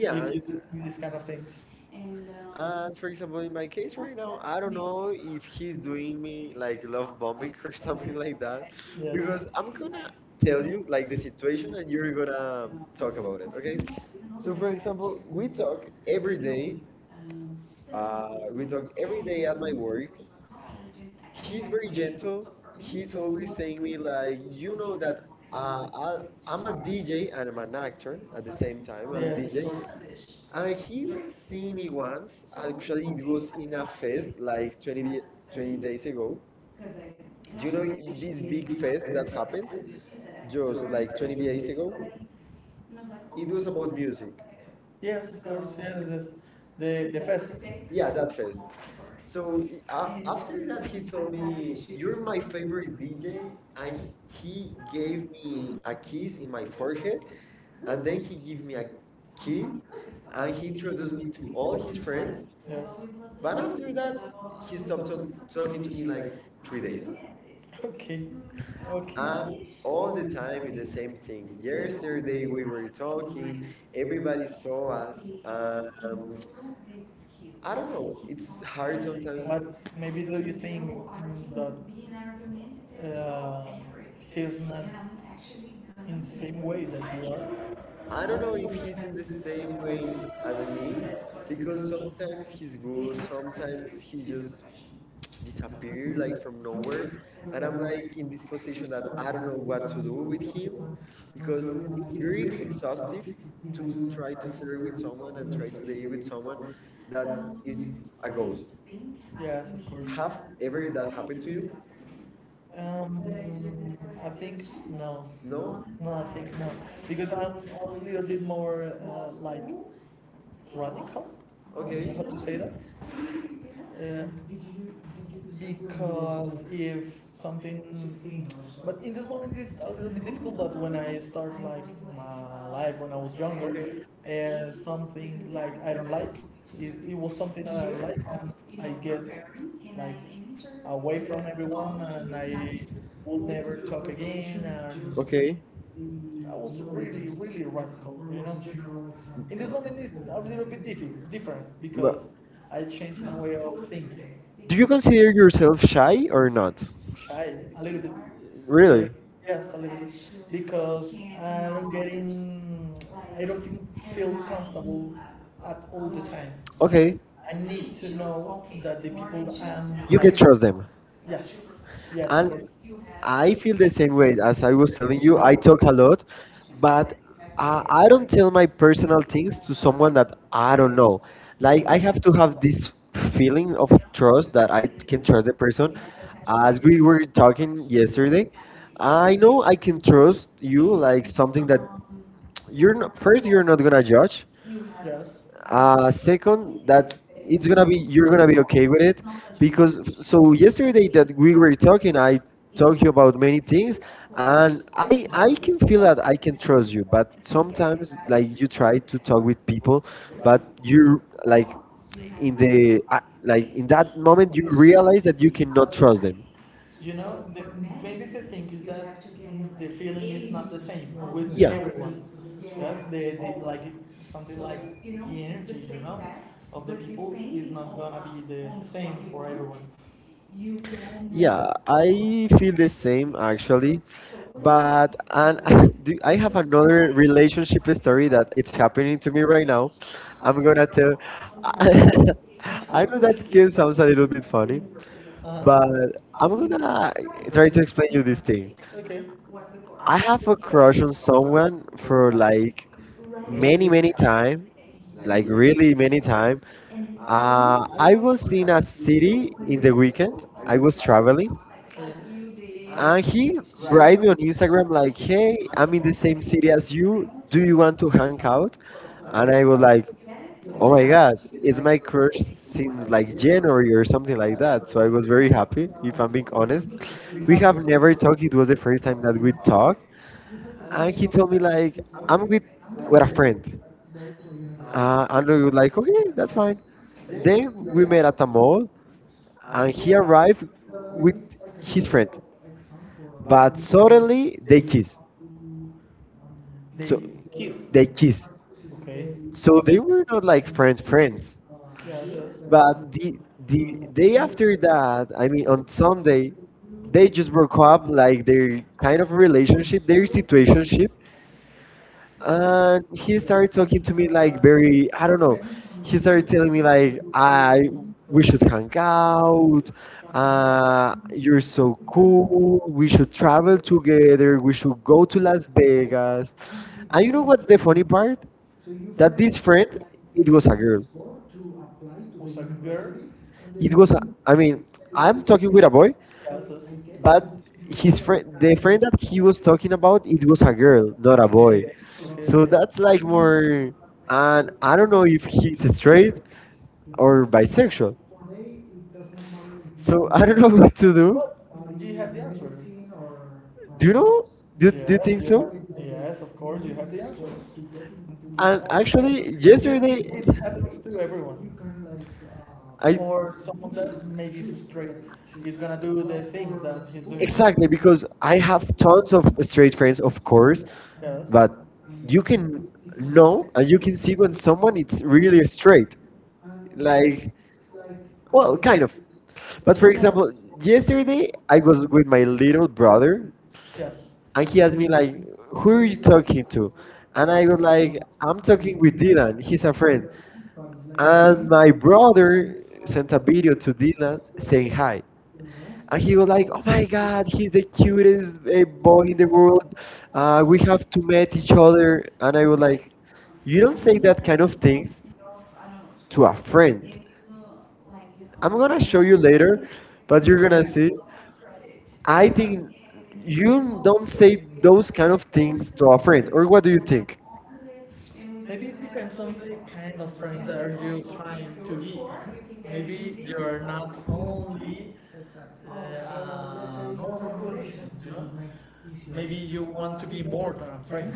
Speaker 1: Yeah, if you do these kind of things. And um,
Speaker 2: And for example, in
Speaker 1: Uh,
Speaker 2: my case right
Speaker 1: so
Speaker 2: now, I don't know if he's doing me like love
Speaker 1: like,
Speaker 2: bombing or [laughs] something
Speaker 1: like
Speaker 2: like that,
Speaker 1: yes,
Speaker 2: because I'm
Speaker 1: we
Speaker 2: gonna
Speaker 1: tell
Speaker 2: tell you
Speaker 1: like
Speaker 2: like the
Speaker 1: his
Speaker 2: situation
Speaker 1: version,
Speaker 2: and
Speaker 1: we were
Speaker 2: you're
Speaker 1: gonna talk about
Speaker 2: gonna
Speaker 1: it.
Speaker 2: talk about it, okay?
Speaker 1: So
Speaker 2: So
Speaker 1: for
Speaker 2: for example,
Speaker 1: example, we
Speaker 2: we
Speaker 1: talk
Speaker 2: talk every
Speaker 1: every
Speaker 2: day.
Speaker 1: day, um, uh,
Speaker 2: Uh, we
Speaker 1: we
Speaker 2: talk
Speaker 1: talk
Speaker 2: every
Speaker 1: every day
Speaker 2: day
Speaker 1: at
Speaker 2: at
Speaker 1: my
Speaker 2: my
Speaker 1: work.
Speaker 2: work,
Speaker 1: I- I He's
Speaker 2: he's
Speaker 1: very really
Speaker 2: very
Speaker 1: gentle,
Speaker 2: gentle.
Speaker 1: he's
Speaker 2: He's always
Speaker 1: always saying
Speaker 2: saying me
Speaker 1: like,
Speaker 2: like,
Speaker 1: you
Speaker 2: you
Speaker 1: know
Speaker 2: know
Speaker 1: that,
Speaker 2: that uh,
Speaker 1: uh,
Speaker 2: I,
Speaker 1: so I'm
Speaker 2: I'm a
Speaker 1: a D J and
Speaker 2: D J and I'm
Speaker 1: I'm
Speaker 2: an
Speaker 1: actually
Speaker 2: actor at the
Speaker 1: at the,
Speaker 2: same time.
Speaker 1: I'm a,
Speaker 2: I'm a
Speaker 1: yeah, D J.
Speaker 2: D J,
Speaker 1: And
Speaker 2: and
Speaker 1: if
Speaker 2: he
Speaker 1: you've
Speaker 2: was
Speaker 1: seen
Speaker 2: seeing
Speaker 1: me
Speaker 2: me once.
Speaker 1: once, I actually
Speaker 2: Actually, it
Speaker 1: it was
Speaker 2: was in
Speaker 1: at
Speaker 2: a
Speaker 1: a
Speaker 2: fest
Speaker 1: fest like
Speaker 2: like 20,
Speaker 1: twenty,
Speaker 2: di-
Speaker 1: twenty
Speaker 2: twenty days
Speaker 1: days
Speaker 2: ago.
Speaker 1: ago. Do
Speaker 2: Do
Speaker 1: you
Speaker 2: you know
Speaker 1: know this
Speaker 2: this
Speaker 1: big
Speaker 2: big fest
Speaker 1: fest
Speaker 2: that
Speaker 1: that
Speaker 2: happens
Speaker 1: happens? Just
Speaker 2: just like
Speaker 1: like
Speaker 2: twenty
Speaker 1: twenty
Speaker 2: days
Speaker 1: days ago.
Speaker 2: ago?
Speaker 1: And I was like, oh.
Speaker 2: It
Speaker 1: It was
Speaker 2: was
Speaker 1: about,
Speaker 2: about
Speaker 1: that's music,
Speaker 2: music.
Speaker 1: what I do. Yes, of course. So, yes, yes. The the fest. It takes,
Speaker 2: Yeah,
Speaker 1: yeah,
Speaker 2: that
Speaker 1: that's it,
Speaker 2: fest.
Speaker 1: time. So
Speaker 2: So
Speaker 1: um,
Speaker 2: i- a-
Speaker 1: and after
Speaker 2: after that,
Speaker 1: that, he,
Speaker 2: he
Speaker 1: that's
Speaker 2: told
Speaker 1: told an me,
Speaker 2: me,
Speaker 1: issue,
Speaker 2: "You're
Speaker 1: "You're
Speaker 2: my
Speaker 1: my favorite
Speaker 2: favorite
Speaker 1: D J,"
Speaker 2: D J," and
Speaker 1: and he
Speaker 2: he gave
Speaker 1: gave me
Speaker 2: me
Speaker 1: a
Speaker 2: a
Speaker 1: kiss
Speaker 2: kiss in
Speaker 1: in my
Speaker 2: my
Speaker 1: forehead,
Speaker 2: forehead.
Speaker 1: and
Speaker 2: And then
Speaker 1: then
Speaker 2: he
Speaker 1: he gave
Speaker 2: gave me
Speaker 1: me a,
Speaker 2: a
Speaker 1: he,
Speaker 2: kiss
Speaker 1: so uh,
Speaker 2: and he
Speaker 1: he introduced
Speaker 2: introduced me
Speaker 1: me
Speaker 2: to
Speaker 1: to
Speaker 2: all
Speaker 1: all
Speaker 2: his
Speaker 1: his
Speaker 2: friends.
Speaker 1: friends. Yes.
Speaker 2: But
Speaker 1: But after
Speaker 2: after that,
Speaker 1: that,
Speaker 2: he
Speaker 1: he
Speaker 2: stopped
Speaker 1: stopped
Speaker 2: to-
Speaker 1: talk-
Speaker 2: talking
Speaker 1: talking
Speaker 2: to
Speaker 1: to
Speaker 2: me
Speaker 1: me
Speaker 2: like
Speaker 1: like
Speaker 2: three
Speaker 1: three days.
Speaker 2: days.
Speaker 1: Okay. Okay.
Speaker 2: And
Speaker 1: And
Speaker 2: all
Speaker 1: all
Speaker 2: the
Speaker 1: the
Speaker 2: time
Speaker 1: time
Speaker 2: is
Speaker 1: is
Speaker 2: the
Speaker 1: exciting
Speaker 2: same
Speaker 1: for
Speaker 2: thing.
Speaker 1: me.
Speaker 2: Yesterday
Speaker 1: Yesterday we
Speaker 2: we
Speaker 1: were
Speaker 2: were talking,
Speaker 1: talking,
Speaker 2: everybody
Speaker 1: everybody
Speaker 2: saw
Speaker 1: saw
Speaker 2: us.
Speaker 1: us. Uh, you know,
Speaker 2: Um,
Speaker 1: I
Speaker 2: I don't
Speaker 1: don't
Speaker 2: know,
Speaker 1: know,
Speaker 2: it's
Speaker 1: it's
Speaker 2: hard
Speaker 1: hard sometimes.
Speaker 2: sometimes.
Speaker 1: But maybe do you think, mm, that, uh, he's not in the same way that you are?
Speaker 2: I
Speaker 1: I
Speaker 2: don't know
Speaker 1: don't
Speaker 2: if
Speaker 1: know
Speaker 2: he's
Speaker 1: if
Speaker 2: in
Speaker 1: he's
Speaker 2: the
Speaker 1: the
Speaker 2: same
Speaker 1: same
Speaker 2: way
Speaker 1: way
Speaker 2: as
Speaker 1: as
Speaker 2: me,
Speaker 1: me
Speaker 2: because
Speaker 1: because
Speaker 2: sometimes
Speaker 1: sometimes
Speaker 2: he's
Speaker 1: he's
Speaker 2: good,
Speaker 1: good,
Speaker 2: sometimes
Speaker 1: sometimes
Speaker 2: he
Speaker 1: he
Speaker 2: just
Speaker 1: just
Speaker 2: disappear
Speaker 1: disappears
Speaker 2: like
Speaker 1: like
Speaker 2: from nowhere.
Speaker 1: nowhere.
Speaker 2: And
Speaker 1: And
Speaker 2: I'm
Speaker 1: I'm
Speaker 2: like
Speaker 1: like
Speaker 2: in this
Speaker 1: this position
Speaker 2: position that
Speaker 1: that
Speaker 2: I
Speaker 1: I
Speaker 2: don't
Speaker 1: don't
Speaker 2: know
Speaker 1: know
Speaker 2: what
Speaker 1: what
Speaker 2: to
Speaker 1: to
Speaker 2: do
Speaker 1: do
Speaker 2: with
Speaker 1: with
Speaker 2: him
Speaker 1: him
Speaker 2: because
Speaker 1: because
Speaker 2: it's
Speaker 1: it's
Speaker 2: very
Speaker 1: very
Speaker 2: exhaustive
Speaker 1: exhausting
Speaker 2: to
Speaker 1: to
Speaker 2: try
Speaker 1: try
Speaker 2: to
Speaker 1: to
Speaker 2: flirt
Speaker 1: flirt
Speaker 2: with
Speaker 1: with
Speaker 2: someone
Speaker 1: someone
Speaker 2: and
Speaker 1: and
Speaker 2: try
Speaker 1: try
Speaker 2: to
Speaker 1: to
Speaker 2: date
Speaker 1: date
Speaker 2: with
Speaker 1: with
Speaker 2: someone
Speaker 1: someone that
Speaker 2: that is
Speaker 1: is
Speaker 2: a
Speaker 1: a ghost.
Speaker 2: ghost.
Speaker 1: Yes, of course.
Speaker 2: Have
Speaker 1: Have
Speaker 2: ever
Speaker 1: ever
Speaker 2: that
Speaker 1: that
Speaker 2: happened
Speaker 1: happened
Speaker 2: to
Speaker 1: to
Speaker 2: you?
Speaker 1: you? Um, I think no. No?
Speaker 2: No.
Speaker 1: No, I think no, because I'm a little bit more, uh, like, radical. I don't
Speaker 2: Okay.
Speaker 1: know how to say that? Uh, Did you did you because if something so? But in this moment it's a little bit difficult, but when I start like my life when I was younger,
Speaker 2: Okay.
Speaker 1: uh, something like I don't like it, it was something that I don't like, and I get like away from everyone, and I would never talk again, and
Speaker 2: Okay.
Speaker 1: I was really, really radical, you know. In this moment it's a little bit diffi- different
Speaker 2: But
Speaker 1: because I changed my way of thinking.
Speaker 2: do you consider yourself shy or not?
Speaker 1: Shy, a little bit. Really?
Speaker 2: Really?
Speaker 1: Yes, a little bit. Because I'm getting, I don't think, feel comfortable at all the time.
Speaker 2: Okay.
Speaker 1: I need to know that the people that I'm
Speaker 2: You can
Speaker 1: like,
Speaker 2: trust them.
Speaker 1: yes, yes. I-
Speaker 2: And
Speaker 1: but- You have.
Speaker 2: I
Speaker 1: I. You-
Speaker 2: feel the
Speaker 1: I
Speaker 2: same way as I
Speaker 1: think.
Speaker 2: was telling you. I talk a lot, but
Speaker 1: But
Speaker 2: I,
Speaker 1: I
Speaker 2: I don't
Speaker 1: like
Speaker 2: tell
Speaker 1: to
Speaker 2: my
Speaker 1: like
Speaker 2: personal things to someone
Speaker 1: someone,
Speaker 2: that I don't
Speaker 1: I
Speaker 2: know.
Speaker 1: like, I
Speaker 2: Like
Speaker 1: have
Speaker 2: I
Speaker 1: to
Speaker 2: have to have
Speaker 1: have
Speaker 2: this
Speaker 1: this feeling
Speaker 2: feeling of
Speaker 1: of
Speaker 2: trust
Speaker 1: trust
Speaker 2: that
Speaker 1: that
Speaker 2: I
Speaker 1: I
Speaker 2: can
Speaker 1: can
Speaker 2: trust
Speaker 1: trust
Speaker 2: the
Speaker 1: the
Speaker 2: person.
Speaker 1: person.
Speaker 2: As
Speaker 1: As
Speaker 2: we
Speaker 1: we were
Speaker 2: were
Speaker 1: talking
Speaker 2: talking yesterday,
Speaker 1: yesterday, I
Speaker 2: I know
Speaker 1: know
Speaker 2: I
Speaker 1: I
Speaker 2: can
Speaker 1: can trust
Speaker 2: trust you.
Speaker 1: you
Speaker 2: Like
Speaker 1: like
Speaker 2: something
Speaker 1: someone
Speaker 2: that
Speaker 1: that, Um,
Speaker 2: you're
Speaker 1: you're
Speaker 2: not,
Speaker 1: the
Speaker 2: first
Speaker 1: first
Speaker 2: you're not
Speaker 1: person for, that
Speaker 2: gonna
Speaker 1: I trust.
Speaker 2: judge,
Speaker 1: You have. Yes, uh,
Speaker 2: uh, second, that
Speaker 1: that
Speaker 2: it's gonna be you're gonna be okay with it
Speaker 1: knowledge.
Speaker 2: because so yesterday that we were
Speaker 1: You,
Speaker 2: talking, I
Speaker 1: it,
Speaker 2: talked you about many things, and
Speaker 1: Um, I,
Speaker 2: I I
Speaker 1: I,
Speaker 2: can feel that I can trust you, but sometimes like
Speaker 1: I,
Speaker 2: you try to talk with people,
Speaker 1: so
Speaker 2: but
Speaker 1: here,
Speaker 2: you
Speaker 1: like,
Speaker 2: like
Speaker 1: you have
Speaker 2: in
Speaker 1: did,
Speaker 2: the uh, like
Speaker 1: like,
Speaker 2: in that moment you realize that you cannot trust them.
Speaker 1: you know, the, maybe the thing is that the feeling is not the same with
Speaker 2: Yeah.
Speaker 1: everyone. Yes, the, the like something like the energy you know, of the people is not gonna be the, the same for everyone. You
Speaker 2: Yeah,
Speaker 1: get,
Speaker 2: I feel the same
Speaker 1: yeah.
Speaker 2: actually.
Speaker 1: So what,
Speaker 2: But and [laughs] do, I have another relationship story that it's happening to me right now.
Speaker 1: but
Speaker 2: I'm gonna tell.
Speaker 1: I,
Speaker 2: [laughs]
Speaker 1: I
Speaker 2: I know that kid
Speaker 1: was
Speaker 2: sounds a little bit funny,
Speaker 1: University of,
Speaker 2: but
Speaker 1: Uh,
Speaker 2: I'm
Speaker 1: oh, you
Speaker 2: gonna
Speaker 1: have
Speaker 2: try to
Speaker 1: rights.
Speaker 2: explain you this thing.
Speaker 1: Okay. What's the course? I
Speaker 2: I
Speaker 1: have
Speaker 2: have a
Speaker 1: a crush
Speaker 2: crush on someone
Speaker 1: for
Speaker 2: for like many, many
Speaker 1: mainly,
Speaker 2: time,
Speaker 1: like,
Speaker 2: like
Speaker 1: really.
Speaker 2: really many time.
Speaker 1: And uh,
Speaker 2: Uh, I
Speaker 1: once
Speaker 2: was in
Speaker 1: I
Speaker 2: a
Speaker 1: series
Speaker 2: city
Speaker 1: when in
Speaker 2: in
Speaker 1: the they were
Speaker 2: the
Speaker 1: weekend.
Speaker 2: weekend.
Speaker 1: So I
Speaker 2: I was
Speaker 1: was like,
Speaker 2: traveling.
Speaker 1: oh, yes, you did.
Speaker 2: And he write me
Speaker 1: Right.
Speaker 2: on Instagram like,
Speaker 1: Yes,
Speaker 2: "Hey, I'm in the
Speaker 1: yes, I
Speaker 2: same
Speaker 1: think
Speaker 2: city
Speaker 1: yes.
Speaker 2: as you. Do you want to hang out?"
Speaker 1: And
Speaker 2: And I was
Speaker 1: I,
Speaker 2: like,
Speaker 1: get it? So
Speaker 2: "Oh
Speaker 1: my,
Speaker 2: my
Speaker 1: yeah,
Speaker 2: God,
Speaker 1: it's
Speaker 2: it's my
Speaker 1: like,
Speaker 2: crush since like
Speaker 1: seems like,
Speaker 2: January or something like that." So I was very happy, if I'm being honest.
Speaker 1: we
Speaker 2: We
Speaker 1: have a
Speaker 2: have
Speaker 1: very,
Speaker 2: never talked. It was the first time that
Speaker 1: we
Speaker 2: we talked,
Speaker 1: have the, I,
Speaker 2: and
Speaker 1: same,
Speaker 2: he
Speaker 1: think.
Speaker 2: told me like,
Speaker 1: I'm
Speaker 2: "I'm with
Speaker 1: with my
Speaker 2: with a friend."
Speaker 1: friends. Go. Uh, I'm
Speaker 2: Uh, and we were
Speaker 1: with.
Speaker 2: like, "Okay, that's fine."
Speaker 1: They were
Speaker 2: Then we
Speaker 1: really.
Speaker 2: met at a mall,
Speaker 1: And
Speaker 2: and
Speaker 1: he
Speaker 2: he
Speaker 1: arrived
Speaker 2: arrived with
Speaker 1: with his
Speaker 2: his
Speaker 1: friends.
Speaker 2: friend.
Speaker 1: But
Speaker 2: But
Speaker 1: suddenly
Speaker 2: suddenly they kiss. so
Speaker 1: they, Kiss. They
Speaker 2: they kissed.
Speaker 1: kissed. Okay. So
Speaker 2: So
Speaker 1: they
Speaker 2: they were not
Speaker 1: were
Speaker 2: like
Speaker 1: like
Speaker 2: friends,
Speaker 1: friends. Yes,
Speaker 2: friends.
Speaker 1: yes. But
Speaker 2: But the the
Speaker 1: the
Speaker 2: day
Speaker 1: day after
Speaker 2: after
Speaker 1: that,
Speaker 2: that, I
Speaker 1: they
Speaker 2: mean,
Speaker 1: basically,
Speaker 2: on Sunday, they just broke up. Like their kind of relationship, their situationship,
Speaker 1: uh,
Speaker 2: and he started talking to me like very, I don't know.
Speaker 1: like,
Speaker 2: He
Speaker 1: he's
Speaker 2: started telling
Speaker 1: already
Speaker 2: me
Speaker 1: like, uh,
Speaker 2: like,
Speaker 1: you-
Speaker 2: I we should hang out.
Speaker 1: uh,
Speaker 2: Uh, you're so cool. We should travel together. We should go to Las Vegas.
Speaker 1: I
Speaker 2: And you know
Speaker 1: mean,
Speaker 2: what's the funny part?
Speaker 1: so you
Speaker 2: That
Speaker 1: that,
Speaker 2: this friend, it
Speaker 1: it
Speaker 2: was
Speaker 1: was for
Speaker 2: a girl.
Speaker 1: to apply to, was the, a girl, university. It
Speaker 2: It was
Speaker 1: was
Speaker 2: a,
Speaker 1: an
Speaker 2: I mean, I'm
Speaker 1: adult,
Speaker 2: talking with a boy,
Speaker 1: yeah, so
Speaker 2: but
Speaker 1: but
Speaker 2: his
Speaker 1: his,
Speaker 2: friend the friend that he was talking about, it was a girl, not a boy.
Speaker 1: okay,
Speaker 2: So
Speaker 1: okay.
Speaker 2: that's like
Speaker 1: Or- or
Speaker 2: more.
Speaker 1: uh,
Speaker 2: And I don't know if he's straight or
Speaker 1: or
Speaker 2: bisexual,
Speaker 1: they, it does not matter. So,
Speaker 2: so [laughs]
Speaker 1: I
Speaker 2: I don't know
Speaker 1: don't-
Speaker 2: what to do.
Speaker 1: are, do you have the answer? Or, or do
Speaker 2: Do you know?
Speaker 1: you, Do
Speaker 2: do,
Speaker 1: you
Speaker 2: do you
Speaker 1: yes,
Speaker 2: think
Speaker 1: you
Speaker 2: so?
Speaker 1: have, yes, of course, you have the answer. To,
Speaker 2: And
Speaker 1: I-
Speaker 2: actually
Speaker 1: yes, do you
Speaker 2: yesterday,
Speaker 1: think it happens to everyone? You can like. Uh, I-
Speaker 2: I
Speaker 1: Or someone that maybe is straight is gonna do the things that he's doing?
Speaker 2: exactly
Speaker 1: Exactly.
Speaker 2: because I have tons of straight friends, of course.
Speaker 1: Yes. But
Speaker 2: But you
Speaker 1: you can
Speaker 2: can know
Speaker 1: know
Speaker 2: and you can see when someone it's
Speaker 1: for you,
Speaker 2: really straight, like
Speaker 1: like, like, well,
Speaker 2: well, kind
Speaker 1: okay.
Speaker 2: of. But
Speaker 1: But for
Speaker 2: for
Speaker 1: example,
Speaker 2: example,
Speaker 1: yesterday,
Speaker 2: yesterday I was with my little brother
Speaker 1: yes,
Speaker 2: and he
Speaker 1: he
Speaker 2: asked
Speaker 1: has
Speaker 2: me
Speaker 1: been like
Speaker 2: like, "Who are you
Speaker 1: very tough,
Speaker 2: talking to?" And I
Speaker 1: like
Speaker 2: was like, "I'm talking
Speaker 1: talking
Speaker 2: with
Speaker 1: with
Speaker 2: Dylan, he's a friend."
Speaker 1: friends, like,
Speaker 2: And
Speaker 1: and
Speaker 2: my
Speaker 1: my
Speaker 2: brother
Speaker 1: friend
Speaker 2: sent a
Speaker 1: said,
Speaker 2: video to Dylan saying
Speaker 1: "Say hi,"
Speaker 2: hi, and
Speaker 1: and
Speaker 2: he
Speaker 1: he
Speaker 2: was like,
Speaker 1: like,
Speaker 2: "Oh my
Speaker 1: "Yes,"
Speaker 2: God, he's the cutest eh, boy in the world. Uh, we have to meet each other." And I
Speaker 1: was
Speaker 2: was like,
Speaker 1: like,
Speaker 2: "You
Speaker 1: you
Speaker 2: don't
Speaker 1: don't
Speaker 2: say
Speaker 1: say
Speaker 2: that
Speaker 1: that
Speaker 2: kind
Speaker 1: kind
Speaker 2: of
Speaker 1: of
Speaker 2: things
Speaker 1: thing to
Speaker 2: to
Speaker 1: to
Speaker 2: a
Speaker 1: our friend.
Speaker 2: friend."
Speaker 1: Like,
Speaker 2: I'm
Speaker 1: I'm
Speaker 2: gonna
Speaker 1: gonna
Speaker 2: show
Speaker 1: show
Speaker 2: you
Speaker 1: you
Speaker 2: later,
Speaker 1: later,
Speaker 2: but
Speaker 1: but
Speaker 2: you're
Speaker 1: you're my-
Speaker 2: gonna see.
Speaker 1: asking my,
Speaker 2: I
Speaker 1: I
Speaker 2: think
Speaker 1: think,
Speaker 2: you
Speaker 1: you,
Speaker 2: don't say those kind
Speaker 1: oh,
Speaker 2: of
Speaker 1: think
Speaker 2: things to a
Speaker 1: so.
Speaker 2: friend, or what do you think?
Speaker 1: Maybe it depends on the kind of friends that are you trying to be. Maybe you're not only, exactly, uh, normal relation, you know. Maybe you want to be more than a friend.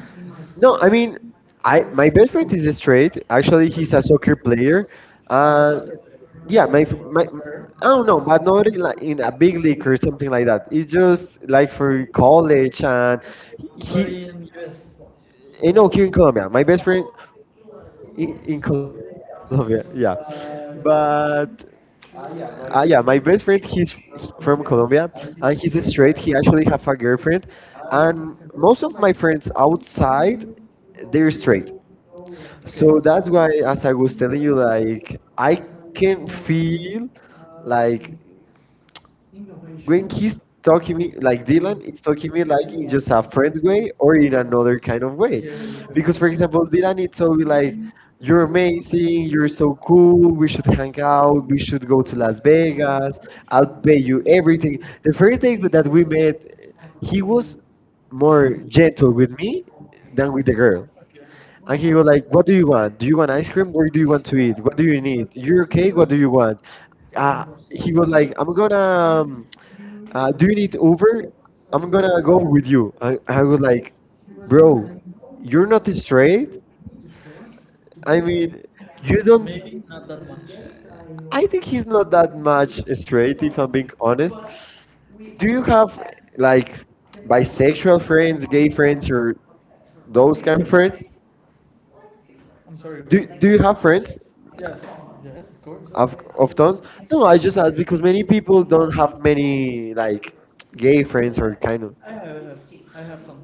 Speaker 2: No,
Speaker 1: No,
Speaker 2: I
Speaker 1: I
Speaker 2: mean,
Speaker 1: mean,
Speaker 2: I
Speaker 1: I,
Speaker 2: my best friend is straight. Actually, he's a soccer player.
Speaker 1: he's a, Uh,
Speaker 2: Uh,
Speaker 1: soccer player,
Speaker 2: yeah,
Speaker 1: yeah,
Speaker 2: my fr-
Speaker 1: maybe.
Speaker 2: my.
Speaker 1: But, Or-
Speaker 2: I don't
Speaker 1: oh
Speaker 2: know, but not
Speaker 1: no,
Speaker 2: in, like, in a
Speaker 1: like,
Speaker 2: big
Speaker 1: big
Speaker 2: league
Speaker 1: league.
Speaker 2: or something like that. It's just like for college and
Speaker 1: But
Speaker 2: he,
Speaker 1: in U S.
Speaker 2: you
Speaker 1: Uh,
Speaker 2: know, here in Colombia, my best friend in, in Colombia, yeah. But uh, yeah,
Speaker 1: yeah,
Speaker 2: my
Speaker 1: but
Speaker 2: best friend he's from Colombia
Speaker 1: yes.
Speaker 2: and he's straight. He actually have a girlfriend,
Speaker 1: And
Speaker 2: and most of my friends outside
Speaker 1: outside,
Speaker 2: they're
Speaker 1: they're straight.
Speaker 2: straight.
Speaker 1: Okay.
Speaker 2: So
Speaker 1: So
Speaker 2: that's
Speaker 1: that's
Speaker 2: why,
Speaker 1: like,
Speaker 2: as I was telling you, like
Speaker 1: I
Speaker 2: I
Speaker 1: can
Speaker 2: can
Speaker 1: feel
Speaker 2: feel like
Speaker 1: like
Speaker 2: when
Speaker 1: when
Speaker 2: he's
Speaker 1: he's
Speaker 2: talking me
Speaker 1: talking
Speaker 2: like
Speaker 1: like
Speaker 2: Dylan
Speaker 1: Dylan,
Speaker 2: is
Speaker 1: he's
Speaker 2: talking
Speaker 1: talking
Speaker 2: me
Speaker 1: me like
Speaker 2: like in
Speaker 1: in
Speaker 2: just
Speaker 1: just
Speaker 2: a
Speaker 1: a
Speaker 2: friend way
Speaker 1: friend
Speaker 2: or
Speaker 1: or
Speaker 2: in
Speaker 1: in
Speaker 2: another
Speaker 1: a,
Speaker 2: kind of way.
Speaker 1: yeah,
Speaker 2: Because for example, Dylan it's always like,
Speaker 1: like,
Speaker 2: "You're
Speaker 1: make
Speaker 2: amazing,
Speaker 1: Sydney
Speaker 2: you're so
Speaker 1: Bristol
Speaker 2: cool, we should hang out, we should go to
Speaker 1: goes to
Speaker 2: Las
Speaker 1: Las Vegas,
Speaker 2: Vegas, I'll pay you
Speaker 1: Albania,
Speaker 2: everything."
Speaker 1: everything.
Speaker 2: The first day
Speaker 1: Everything
Speaker 2: that we met, he
Speaker 1: he
Speaker 2: was
Speaker 1: was more
Speaker 2: more
Speaker 1: than with
Speaker 2: gentle with me than
Speaker 1: the,
Speaker 2: with the girl.
Speaker 1: okay.
Speaker 2: And
Speaker 1: And
Speaker 2: he
Speaker 1: he
Speaker 2: was
Speaker 1: was
Speaker 2: like, "What do you want? Do you want ice cream? What do you want to eat? What do you
Speaker 1: like me.
Speaker 2: need? You're okay? What do you
Speaker 1: Okay.
Speaker 2: want?" Uh,
Speaker 1: Uh,
Speaker 2: he
Speaker 1: he
Speaker 2: was
Speaker 1: was
Speaker 2: like,
Speaker 1: like,
Speaker 2: "I'm gonna um,
Speaker 1: um,
Speaker 2: uh,
Speaker 1: uh,
Speaker 2: do
Speaker 1: do
Speaker 2: you
Speaker 1: you,
Speaker 2: need Uber? I'm
Speaker 1: I'm
Speaker 2: gonna
Speaker 1: gonna
Speaker 2: go
Speaker 1: go
Speaker 2: with
Speaker 1: with
Speaker 2: you." I, I would
Speaker 1: you like,
Speaker 2: like, bro,
Speaker 1: bro,
Speaker 2: you're
Speaker 1: you're
Speaker 2: not straight.
Speaker 1: great.
Speaker 2: I
Speaker 1: I
Speaker 2: mean,
Speaker 1: mean
Speaker 2: you
Speaker 1: you don't.
Speaker 2: don't.
Speaker 1: Maybe not that much,
Speaker 2: I think he's not that
Speaker 1: that much
Speaker 2: much
Speaker 1: straight,
Speaker 2: straight,
Speaker 1: if
Speaker 2: if I'm
Speaker 1: I
Speaker 2: being
Speaker 1: being
Speaker 2: honest.
Speaker 1: honest. Do
Speaker 2: Do you
Speaker 1: you have
Speaker 2: have
Speaker 1: like
Speaker 2: like
Speaker 1: by games,
Speaker 2: bisexual friends, gay
Speaker 1: or
Speaker 2: friends, or those
Speaker 1: those
Speaker 2: kind of
Speaker 1: kind friends?
Speaker 2: friends?
Speaker 1: I'm sorry, what?
Speaker 2: Do
Speaker 1: Do,
Speaker 2: Do
Speaker 1: do
Speaker 2: you
Speaker 1: you
Speaker 2: have
Speaker 1: have friends?
Speaker 2: friends
Speaker 1: Yeah. Yes, of course.
Speaker 2: of
Speaker 1: Of,
Speaker 2: of
Speaker 1: of
Speaker 2: tons?
Speaker 1: those?
Speaker 2: No,
Speaker 1: Well,
Speaker 2: I
Speaker 1: it's just
Speaker 2: just
Speaker 1: like
Speaker 2: ask because many
Speaker 1: many people
Speaker 2: people
Speaker 1: don't
Speaker 2: don't have
Speaker 1: have any
Speaker 2: many
Speaker 1: like
Speaker 2: like
Speaker 1: gay
Speaker 2: gay friends
Speaker 1: friends.
Speaker 2: or kind of,
Speaker 1: I have, I have, I have some.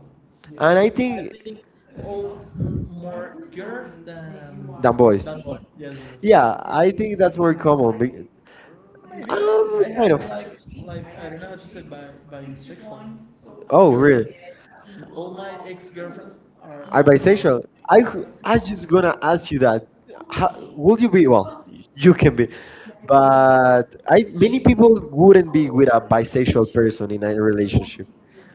Speaker 1: Yeah. I,
Speaker 2: and
Speaker 1: yes,
Speaker 2: I
Speaker 1: think, I
Speaker 2: think
Speaker 1: think all m- more girls than
Speaker 2: than
Speaker 1: that boys.
Speaker 2: boys.
Speaker 1: Than boys. Yes, yes, yes.
Speaker 2: Yeah,
Speaker 1: Yeah, I
Speaker 2: I think
Speaker 1: think
Speaker 2: that's
Speaker 1: that,
Speaker 2: more common.
Speaker 1: maybe.
Speaker 2: I'm
Speaker 1: I
Speaker 2: kind
Speaker 1: had
Speaker 2: of.
Speaker 1: like, like I don't know how to say it, by bisexual.
Speaker 2: Oh,
Speaker 1: Your,
Speaker 2: really?
Speaker 1: all my ex girlfriends are
Speaker 2: Are
Speaker 1: all.
Speaker 2: bisexual? I c- I
Speaker 1: I
Speaker 2: just
Speaker 1: just go
Speaker 2: gonna ask you that. How,
Speaker 1: happy
Speaker 2: would you
Speaker 1: with
Speaker 2: be?
Speaker 1: you,
Speaker 2: Well,
Speaker 1: but
Speaker 2: you can be,
Speaker 1: maybe,
Speaker 2: but I many people wouldn't be with a bisexual person in a relationship.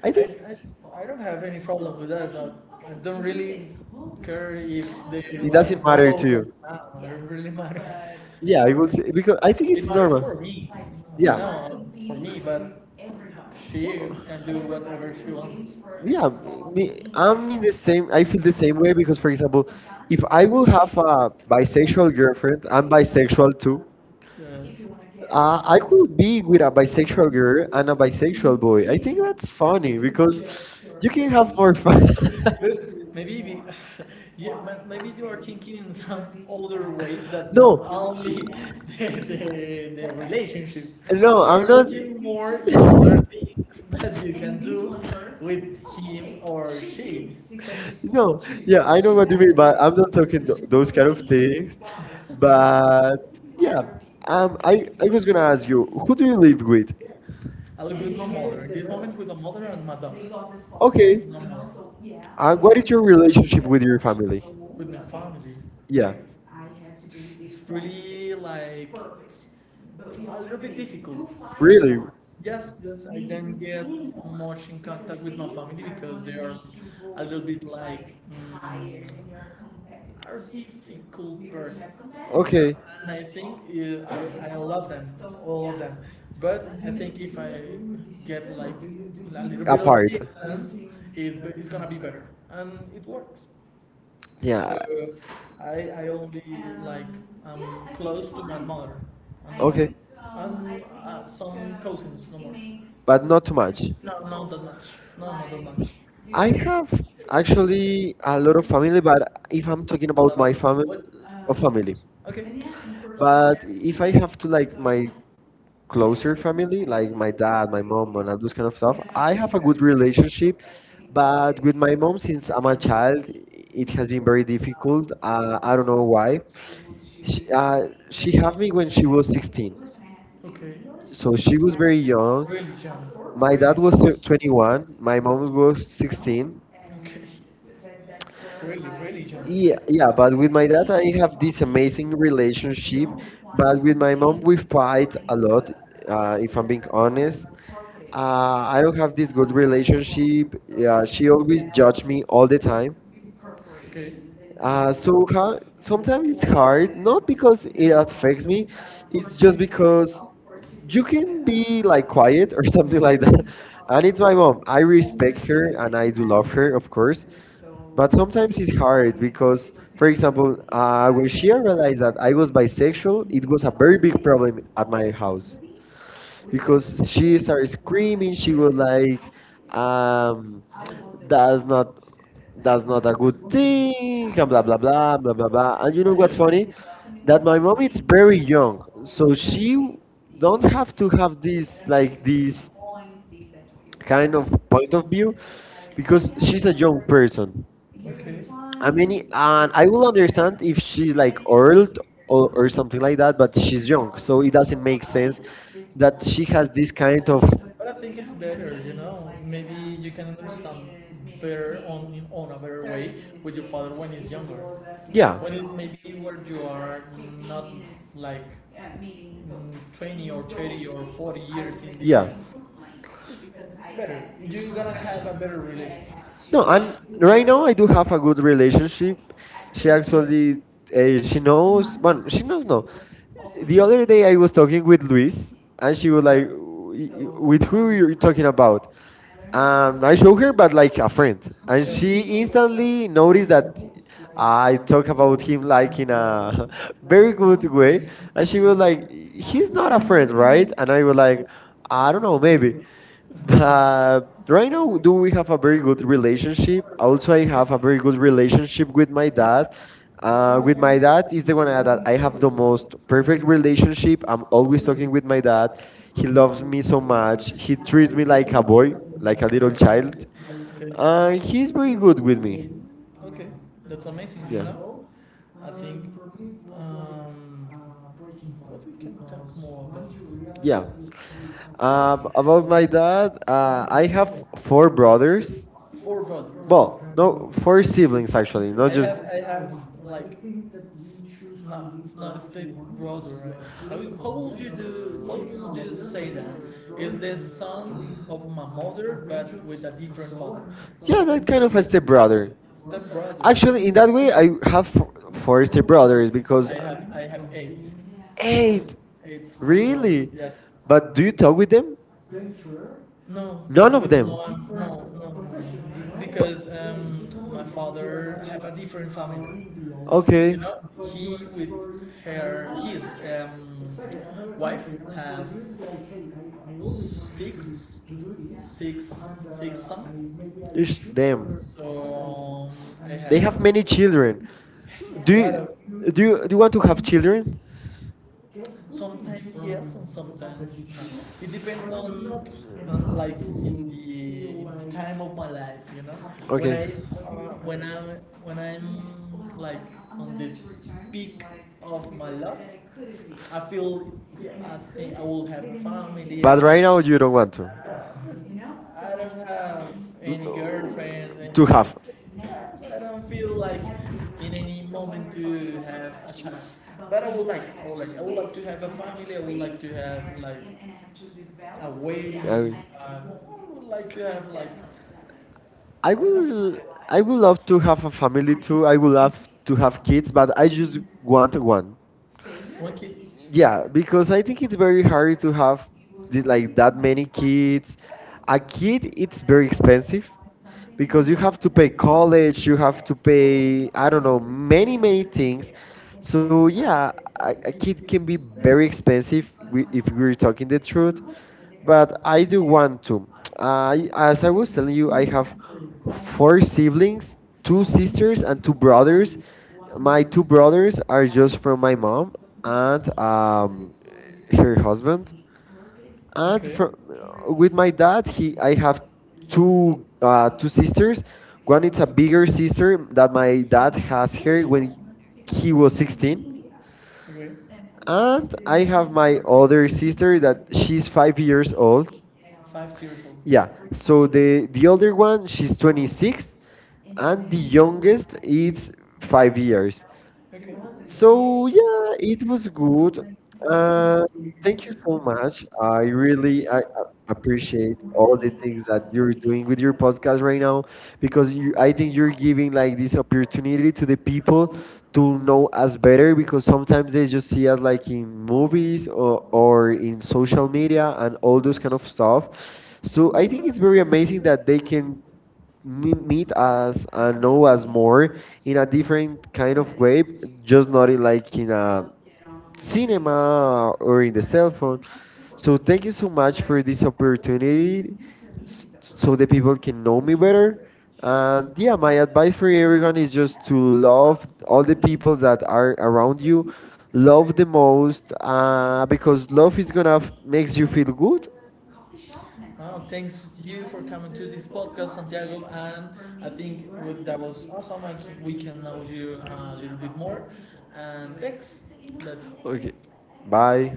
Speaker 2: I
Speaker 1: I,
Speaker 2: think
Speaker 1: I I don't have any problem with that. But I don't really care if they
Speaker 2: it doesn't
Speaker 1: like
Speaker 2: matter to
Speaker 1: balls or
Speaker 2: you.
Speaker 1: not. It really matter.
Speaker 2: Yeah,
Speaker 1: Yeah,
Speaker 2: I
Speaker 1: it
Speaker 2: will
Speaker 1: is.
Speaker 2: say because I think it's
Speaker 1: It matters
Speaker 2: normal.
Speaker 1: for me, you
Speaker 2: Yeah,
Speaker 1: know, for me, but she can do whatever she wants. Everybody's
Speaker 2: yeah.
Speaker 1: a,
Speaker 2: Me,
Speaker 1: yeah.
Speaker 2: I'm in the same. I feel the same way because, for example, if I will have a bisexual girlfriend, I'm bisexual too.
Speaker 1: Uh, if you wanna get
Speaker 2: Uh, I could be with a
Speaker 1: bisexual
Speaker 2: bisexual girl
Speaker 1: girl
Speaker 2: and
Speaker 1: and
Speaker 2: a
Speaker 1: a
Speaker 2: bisexual
Speaker 1: bisexual boy.
Speaker 2: boy. I think
Speaker 1: Like,
Speaker 2: that's funny because you can have more fun. [laughs]
Speaker 1: maybe we, yeah, but maybe you are thinking in some other ways that not
Speaker 2: No,
Speaker 1: only [laughs] the, the, the relationship.
Speaker 2: no,
Speaker 1: You
Speaker 2: I'm
Speaker 1: are
Speaker 2: not.
Speaker 1: looking more in
Speaker 2: [laughs]
Speaker 1: other things that you can do with him or she. [laughs] Yeah, I
Speaker 2: No,
Speaker 1: don't
Speaker 2: yeah, I know what you mean, but
Speaker 1: know
Speaker 2: I'm not
Speaker 1: if
Speaker 2: talking th
Speaker 1: it's
Speaker 2: those
Speaker 1: those
Speaker 2: kind
Speaker 1: kind
Speaker 2: of
Speaker 1: of things,
Speaker 2: things.
Speaker 1: but yeah,
Speaker 2: But
Speaker 1: um,
Speaker 2: yeah,
Speaker 1: I,
Speaker 2: um, I
Speaker 1: I
Speaker 2: I was
Speaker 1: think
Speaker 2: gonna ask
Speaker 1: that
Speaker 2: you, who do you live with?
Speaker 1: I live with my mother. In this moment, with my mother and my dog. Okay,
Speaker 2: Okay,
Speaker 1: no more.
Speaker 2: uh, what
Speaker 1: I
Speaker 2: is your relationship with your family?
Speaker 1: with conformity.
Speaker 2: Yeah,
Speaker 1: Right, I have to do this. Really like a little bit difficult.
Speaker 2: really?
Speaker 1: Really? Yes, yes. I don't get much in contact with my family because they are a little bit like higher mm, are difficult person.
Speaker 2: Okay.
Speaker 1: And I think yeah, I, I love them, all of them. But I think if I get like a little bit of
Speaker 2: Apart.
Speaker 1: distance, it's, it's gonna be better, and it works. Yeah.
Speaker 2: Yeah.
Speaker 1: So I I only Um, like I'm yeah, close to my mother and or
Speaker 2: Okay.
Speaker 1: um, and uh, some uh, cousins. No more.
Speaker 2: But not too much.
Speaker 1: No, not that much. No, not that much.
Speaker 2: I
Speaker 1: I,
Speaker 2: have
Speaker 1: I should.
Speaker 2: actually a lot of family, but if I'm talking
Speaker 1: A lot
Speaker 2: about
Speaker 1: of
Speaker 2: my family,
Speaker 1: what? uh,
Speaker 2: of family.
Speaker 1: Okay, yeah. But if I
Speaker 2: But if I
Speaker 1: have so
Speaker 2: have to like
Speaker 1: yeah, like
Speaker 2: my closer
Speaker 1: closer family,
Speaker 2: family, like
Speaker 1: like
Speaker 2: my
Speaker 1: my
Speaker 2: dad, my mom, and all those kind of
Speaker 1: dog,
Speaker 2: stuff,
Speaker 1: I have,
Speaker 2: I have a good
Speaker 1: think
Speaker 2: relationship.
Speaker 1: but
Speaker 2: But with my mom, since I'm a
Speaker 1: that
Speaker 2: child,
Speaker 1: we
Speaker 2: it
Speaker 1: can.
Speaker 2: has been very difficult. Uh, I
Speaker 1: uh,
Speaker 2: don't
Speaker 1: uh,
Speaker 2: know why. She,
Speaker 1: She,
Speaker 2: uh,
Speaker 1: uh,
Speaker 2: she had me when she was sixteen,
Speaker 1: okay,
Speaker 2: so
Speaker 1: so
Speaker 2: she was very young.
Speaker 1: really, John.
Speaker 2: My dad
Speaker 1: Really,
Speaker 2: was uh, twenty-one, my mom was sixteen.
Speaker 1: you and okay, that, that's where really, I really, John.
Speaker 2: Yeah, yeah, but with my dad, I have this amazing
Speaker 1: Amazing relationship.
Speaker 2: relationship.
Speaker 1: Não
Speaker 2: But
Speaker 1: but we
Speaker 2: with
Speaker 1: from
Speaker 2: my
Speaker 1: will
Speaker 2: mom, we
Speaker 1: games, a lot,
Speaker 2: fight a lot,
Speaker 1: uh,
Speaker 2: uh, if
Speaker 1: nossa
Speaker 2: I'm being
Speaker 1: from
Speaker 2: honest.
Speaker 1: audience. uh,
Speaker 2: Uh,
Speaker 1: Uh,
Speaker 2: I
Speaker 1: I
Speaker 2: don't
Speaker 1: don't have
Speaker 2: have
Speaker 1: a
Speaker 2: this good
Speaker 1: good relationship.
Speaker 2: relationship. Yeah,
Speaker 1: Yeah,
Speaker 2: she
Speaker 1: she
Speaker 2: always
Speaker 1: always
Speaker 2: judged
Speaker 1: judged
Speaker 2: me all the
Speaker 1: me.
Speaker 2: time.
Speaker 1: All Uh,
Speaker 2: Uh,
Speaker 1: somehow,
Speaker 2: so ha Sometimes
Speaker 1: sometimes
Speaker 2: it's
Speaker 1: it's hard.
Speaker 2: hard, not because
Speaker 1: It
Speaker 2: it
Speaker 1: must
Speaker 2: affects
Speaker 1: affect me.
Speaker 2: me,
Speaker 1: Uh,
Speaker 2: it's just
Speaker 1: percentage
Speaker 2: because
Speaker 1: of you
Speaker 2: you
Speaker 1: can
Speaker 2: can be
Speaker 1: be
Speaker 2: like
Speaker 1: like
Speaker 2: quiet
Speaker 1: quiet
Speaker 2: or
Speaker 1: or
Speaker 2: [laughs] something
Speaker 1: something
Speaker 2: like
Speaker 1: like that.
Speaker 2: that.
Speaker 1: I
Speaker 2: And
Speaker 1: need
Speaker 2: it's
Speaker 1: my
Speaker 2: my mom.
Speaker 1: own.
Speaker 2: I
Speaker 1: I
Speaker 2: respect
Speaker 1: respect her.
Speaker 2: her
Speaker 1: I
Speaker 2: and I do
Speaker 1: don't
Speaker 2: love
Speaker 1: know.
Speaker 2: her, of course.
Speaker 1: So, but
Speaker 2: But sometimes it's hard because, for
Speaker 1: for example,
Speaker 2: example, uh, when she realized that I was bisexual, it was a very big problem at my
Speaker 1: because
Speaker 2: house because she
Speaker 1: kids are
Speaker 2: started
Speaker 1: really
Speaker 2: screaming. She
Speaker 1: chill,
Speaker 2: was
Speaker 1: like,
Speaker 2: like,
Speaker 1: um,
Speaker 2: um,
Speaker 1: that,
Speaker 2: "That's
Speaker 1: that,
Speaker 2: not that's not a good thing, and blah blah blah blah blah blah." And you know what's funny? That my
Speaker 1: that,
Speaker 2: mom is very young,
Speaker 1: so
Speaker 2: so she don't
Speaker 1: don't,
Speaker 2: have to have this like
Speaker 1: like, this
Speaker 2: this
Speaker 1: that's what you want.
Speaker 2: kind
Speaker 1: Kind
Speaker 2: of
Speaker 1: of,
Speaker 2: point of view because
Speaker 1: because,
Speaker 2: she's a young person.
Speaker 1: okay. I
Speaker 2: I mean,
Speaker 1: mean,
Speaker 2: and I will understand if she's like old or, or something like that, but
Speaker 1: so
Speaker 2: she's young, so it
Speaker 1: it doesn't
Speaker 2: doesn't make
Speaker 1: make
Speaker 2: sense
Speaker 1: sense that
Speaker 2: that she has this kind of
Speaker 1: but I think it's better, you know. Maybe you can understand better on on a better way with your father when he's younger. Yeah.
Speaker 2: yeah,
Speaker 1: When it, maybe where you are not like mm, twenty or thirty or forty years in
Speaker 2: yeah.
Speaker 1: difference. It's, better. You're gonna have a better relation.
Speaker 2: No,
Speaker 1: No, I
Speaker 2: and
Speaker 1: think
Speaker 2: right
Speaker 1: we're
Speaker 2: now I do
Speaker 1: talking
Speaker 2: have a
Speaker 1: about
Speaker 2: good
Speaker 1: the relation.
Speaker 2: relationship. She
Speaker 1: Yeah, yeah.
Speaker 2: actually, uh,
Speaker 1: Uh,
Speaker 2: she
Speaker 1: she
Speaker 2: knows. Well,
Speaker 1: knows.
Speaker 2: she knows no. The other
Speaker 1: Always.
Speaker 2: day I was talking with Luis, and she
Speaker 1: She
Speaker 2: was
Speaker 1: was
Speaker 2: like,
Speaker 1: like,
Speaker 2: "W- y-
Speaker 1: so
Speaker 2: "With
Speaker 1: we
Speaker 2: who
Speaker 1: do.
Speaker 2: you're talking about?"
Speaker 1: I
Speaker 2: Um, I show her, but like a friend, and she
Speaker 1: she is
Speaker 2: instantly noticed that
Speaker 1: I
Speaker 2: I talk
Speaker 1: told you
Speaker 2: about
Speaker 1: all
Speaker 2: him
Speaker 1: this
Speaker 2: like
Speaker 1: like
Speaker 2: in
Speaker 1: in a
Speaker 2: a [laughs] very good way,
Speaker 1: way.
Speaker 2: and
Speaker 1: And
Speaker 2: she
Speaker 1: she
Speaker 2: was
Speaker 1: was
Speaker 2: like,
Speaker 1: like, she
Speaker 2: "He's
Speaker 1: was
Speaker 2: not a
Speaker 1: my
Speaker 2: friend,
Speaker 1: friend,
Speaker 2: right?"
Speaker 1: right?
Speaker 2: And I was like, "I don't know, maybe."
Speaker 1: Uh, uh,
Speaker 2: But right now, do
Speaker 1: we-
Speaker 2: we have a very good relationship?
Speaker 1: and
Speaker 2: Also, I have a very good relationship with my dad. Uh, with my
Speaker 1: I
Speaker 2: dad is the one that I have
Speaker 1: had
Speaker 2: the
Speaker 1: to
Speaker 2: most perfect relationship. I'm always talking with my dad. He
Speaker 1: we
Speaker 2: loves
Speaker 1: love
Speaker 2: me so
Speaker 1: so much.
Speaker 2: much. He
Speaker 1: He
Speaker 2: treats me
Speaker 1: treated me
Speaker 2: like
Speaker 1: like
Speaker 2: a
Speaker 1: a
Speaker 2: boy,
Speaker 1: boy,
Speaker 2: like
Speaker 1: like
Speaker 2: a little
Speaker 1: a
Speaker 2: child.
Speaker 1: child. Okay.
Speaker 2: Uh,
Speaker 1: Uh,
Speaker 2: he's
Speaker 1: he's
Speaker 2: very
Speaker 1: real
Speaker 2: good
Speaker 1: good with
Speaker 2: with me.
Speaker 1: me. Okay. That's amazing, you
Speaker 2: Yeah.
Speaker 1: know? I think, Um, for like, Um, uh, but we can talk more about yeah.
Speaker 2: Yeah.
Speaker 1: That you you have
Speaker 2: Uh,
Speaker 1: Um,
Speaker 2: about
Speaker 1: well,
Speaker 2: my
Speaker 1: like,
Speaker 2: dad, uh, I
Speaker 1: uh, I
Speaker 2: have
Speaker 1: know
Speaker 2: four
Speaker 1: four brothers.
Speaker 2: brothers.
Speaker 1: Four brothers.
Speaker 2: Well,
Speaker 1: Or I
Speaker 2: no, four
Speaker 1: four
Speaker 2: siblings
Speaker 1: siblings,
Speaker 2: actually,
Speaker 1: actually.
Speaker 2: not
Speaker 1: I
Speaker 2: just. Uh,
Speaker 1: have, I have like, s- not, it's not step brother, right? How, how would you do? How yeah, would you say that? Is not the son of my mother, but with a different so father?
Speaker 2: Yeah, that kind of
Speaker 1: Like
Speaker 2: a step brother.
Speaker 1: step brother.
Speaker 2: Actually,
Speaker 1: Actually,
Speaker 2: in that way, I have four, four, step brothers because
Speaker 1: I
Speaker 2: uh,
Speaker 1: have I have eight. Eight.
Speaker 2: eight,
Speaker 1: Eight star roles.
Speaker 2: really.
Speaker 1: Yes.
Speaker 2: But do you talk with them?
Speaker 1: Venturer. No.
Speaker 2: None of
Speaker 1: With the
Speaker 2: them.
Speaker 1: one. No. No.
Speaker 2: But-
Speaker 1: Because um, my father have a different family. Okay. You
Speaker 2: Okay.
Speaker 1: know, he with her his um exactly. Wife have six, six, six sons.
Speaker 2: It's them.
Speaker 1: So um, I
Speaker 2: They have
Speaker 1: have
Speaker 2: many children.
Speaker 1: yes.
Speaker 2: Do
Speaker 1: A
Speaker 2: you
Speaker 1: lot of
Speaker 2: do you, do you want to have children?
Speaker 1: sometimes yes and sometimes no. It depends on, on like in the like time of my life, you know. When
Speaker 2: Okay.
Speaker 1: I when I this? When I'm well, like on the peak of my love, I feel yeah. I think I will have a family.
Speaker 2: But right
Speaker 1: I
Speaker 2: now you don't want to
Speaker 1: you know? So I don't have any girlfriend,
Speaker 2: to
Speaker 1: any.
Speaker 2: have.
Speaker 1: I don't feel like in any moment to have a child. But I would like, I would like, I would like to have a family. I would like to have like a
Speaker 2: I,
Speaker 1: wedding. Um, I would like to have like I
Speaker 2: I
Speaker 1: would like to
Speaker 2: will
Speaker 1: say, I
Speaker 2: I would
Speaker 1: would love
Speaker 2: love to have a family too. I would love to have kids, but
Speaker 1: to
Speaker 2: I
Speaker 1: live
Speaker 2: just
Speaker 1: in
Speaker 2: want one.
Speaker 1: one kid.
Speaker 2: Yeah,
Speaker 1: Yeah,
Speaker 2: because I think it's very hard to have the, like
Speaker 1: like
Speaker 2: that
Speaker 1: that.
Speaker 2: many kids.
Speaker 1: I
Speaker 2: A kid, it's very expensive because
Speaker 1: because
Speaker 2: you have to pay college, you have to
Speaker 1: in-
Speaker 2: pay, I don't know,
Speaker 1: because
Speaker 2: many,
Speaker 1: many
Speaker 2: many
Speaker 1: in
Speaker 2: things.
Speaker 1: there. So
Speaker 2: So yeah, a, a kid
Speaker 1: we
Speaker 2: can be
Speaker 1: are
Speaker 2: very
Speaker 1: very
Speaker 2: expensive we- if we're talking the truth.
Speaker 1: but
Speaker 2: But I do want to. I, as I was telling you,
Speaker 1: I
Speaker 2: I have
Speaker 1: have
Speaker 2: four
Speaker 1: forced
Speaker 2: siblings,
Speaker 1: to
Speaker 2: two
Speaker 1: see
Speaker 2: sisters and two brothers. My
Speaker 1: my
Speaker 2: two brothers are just from my mom and
Speaker 1: uh, colleagues
Speaker 2: um, her husband. And
Speaker 1: okay.
Speaker 2: from, with my dad, he I have
Speaker 1: To
Speaker 2: two uh, two sisters. One is
Speaker 1: grant
Speaker 2: a bigger sister that
Speaker 1: my
Speaker 2: my dad
Speaker 1: dad
Speaker 2: has her
Speaker 1: anyway
Speaker 2: when he was
Speaker 1: was
Speaker 2: sixteen.
Speaker 1: sixteen. Okay.
Speaker 2: And I
Speaker 1: I
Speaker 2: have my other sister that she's five years
Speaker 1: so
Speaker 2: old.
Speaker 1: five years old.
Speaker 2: Yeah.
Speaker 1: Yeah
Speaker 2: So
Speaker 1: so the
Speaker 2: the the older one, she's twenty-six, and the
Speaker 1: and young
Speaker 2: youngest is
Speaker 1: is
Speaker 2: five
Speaker 1: five.
Speaker 2: years.
Speaker 1: Okay. So
Speaker 2: So yeah, it was good.
Speaker 1: Um,
Speaker 2: Um, thank
Speaker 1: thank
Speaker 2: you
Speaker 1: you
Speaker 2: so
Speaker 1: so much.
Speaker 2: much. I
Speaker 1: I
Speaker 2: really
Speaker 1: really
Speaker 2: I, I
Speaker 1: uh, appreciate
Speaker 2: appreciate all
Speaker 1: all the
Speaker 2: the
Speaker 1: things
Speaker 2: things that
Speaker 1: that you
Speaker 2: you're
Speaker 1: do
Speaker 2: doing with
Speaker 1: with your
Speaker 2: your podcast right
Speaker 1: podcast
Speaker 2: now because
Speaker 1: because
Speaker 2: you
Speaker 1: we
Speaker 2: I
Speaker 1: have
Speaker 2: think you're giving like this opportunity to the people
Speaker 1: to
Speaker 2: to know
Speaker 1: know
Speaker 2: us better because sometimes they just see us like in movies
Speaker 1: movies.
Speaker 2: or, or in social media and all those kind of stuff. So I
Speaker 1: So
Speaker 2: think
Speaker 1: it's
Speaker 2: it's very
Speaker 1: amazing
Speaker 2: amazing that
Speaker 1: that
Speaker 2: they can me-
Speaker 1: mm,
Speaker 2: meet us and know us more
Speaker 1: we
Speaker 2: in a
Speaker 1: are
Speaker 2: different kind of
Speaker 1: kind of
Speaker 2: way,
Speaker 1: just
Speaker 2: just not in like in
Speaker 1: like
Speaker 2: a
Speaker 1: serious.
Speaker 2: cinema or in the cell phone.
Speaker 1: So
Speaker 2: So thank you so much for
Speaker 1: that's
Speaker 2: this
Speaker 1: really
Speaker 2: opportunity, s-
Speaker 1: so
Speaker 2: so the
Speaker 1: the
Speaker 2: people can know me better.
Speaker 1: uh,
Speaker 2: And yeah, my advice
Speaker 1: yeah,
Speaker 2: for everyone
Speaker 1: you
Speaker 2: is just to love
Speaker 1: love all
Speaker 2: all
Speaker 1: the
Speaker 2: the
Speaker 1: people
Speaker 2: people
Speaker 1: that
Speaker 2: that
Speaker 1: are around
Speaker 2: are around you,
Speaker 1: you. You love
Speaker 2: love
Speaker 1: them
Speaker 2: the
Speaker 1: all,
Speaker 2: most,
Speaker 1: uh,
Speaker 2: uh, because
Speaker 1: because
Speaker 2: love
Speaker 1: what
Speaker 2: is
Speaker 1: is
Speaker 2: gonna f-
Speaker 1: love
Speaker 2: makes
Speaker 1: makes
Speaker 2: you
Speaker 1: you
Speaker 2: feel good.
Speaker 1: beautiful. Oh, thanks to you for coming to this podcast, Santiago. And I think w- that was awesome. I think we can know you uh, a little bit more. And thanks. That's
Speaker 2: Okay,
Speaker 1: bye.
Speaker 2: bye.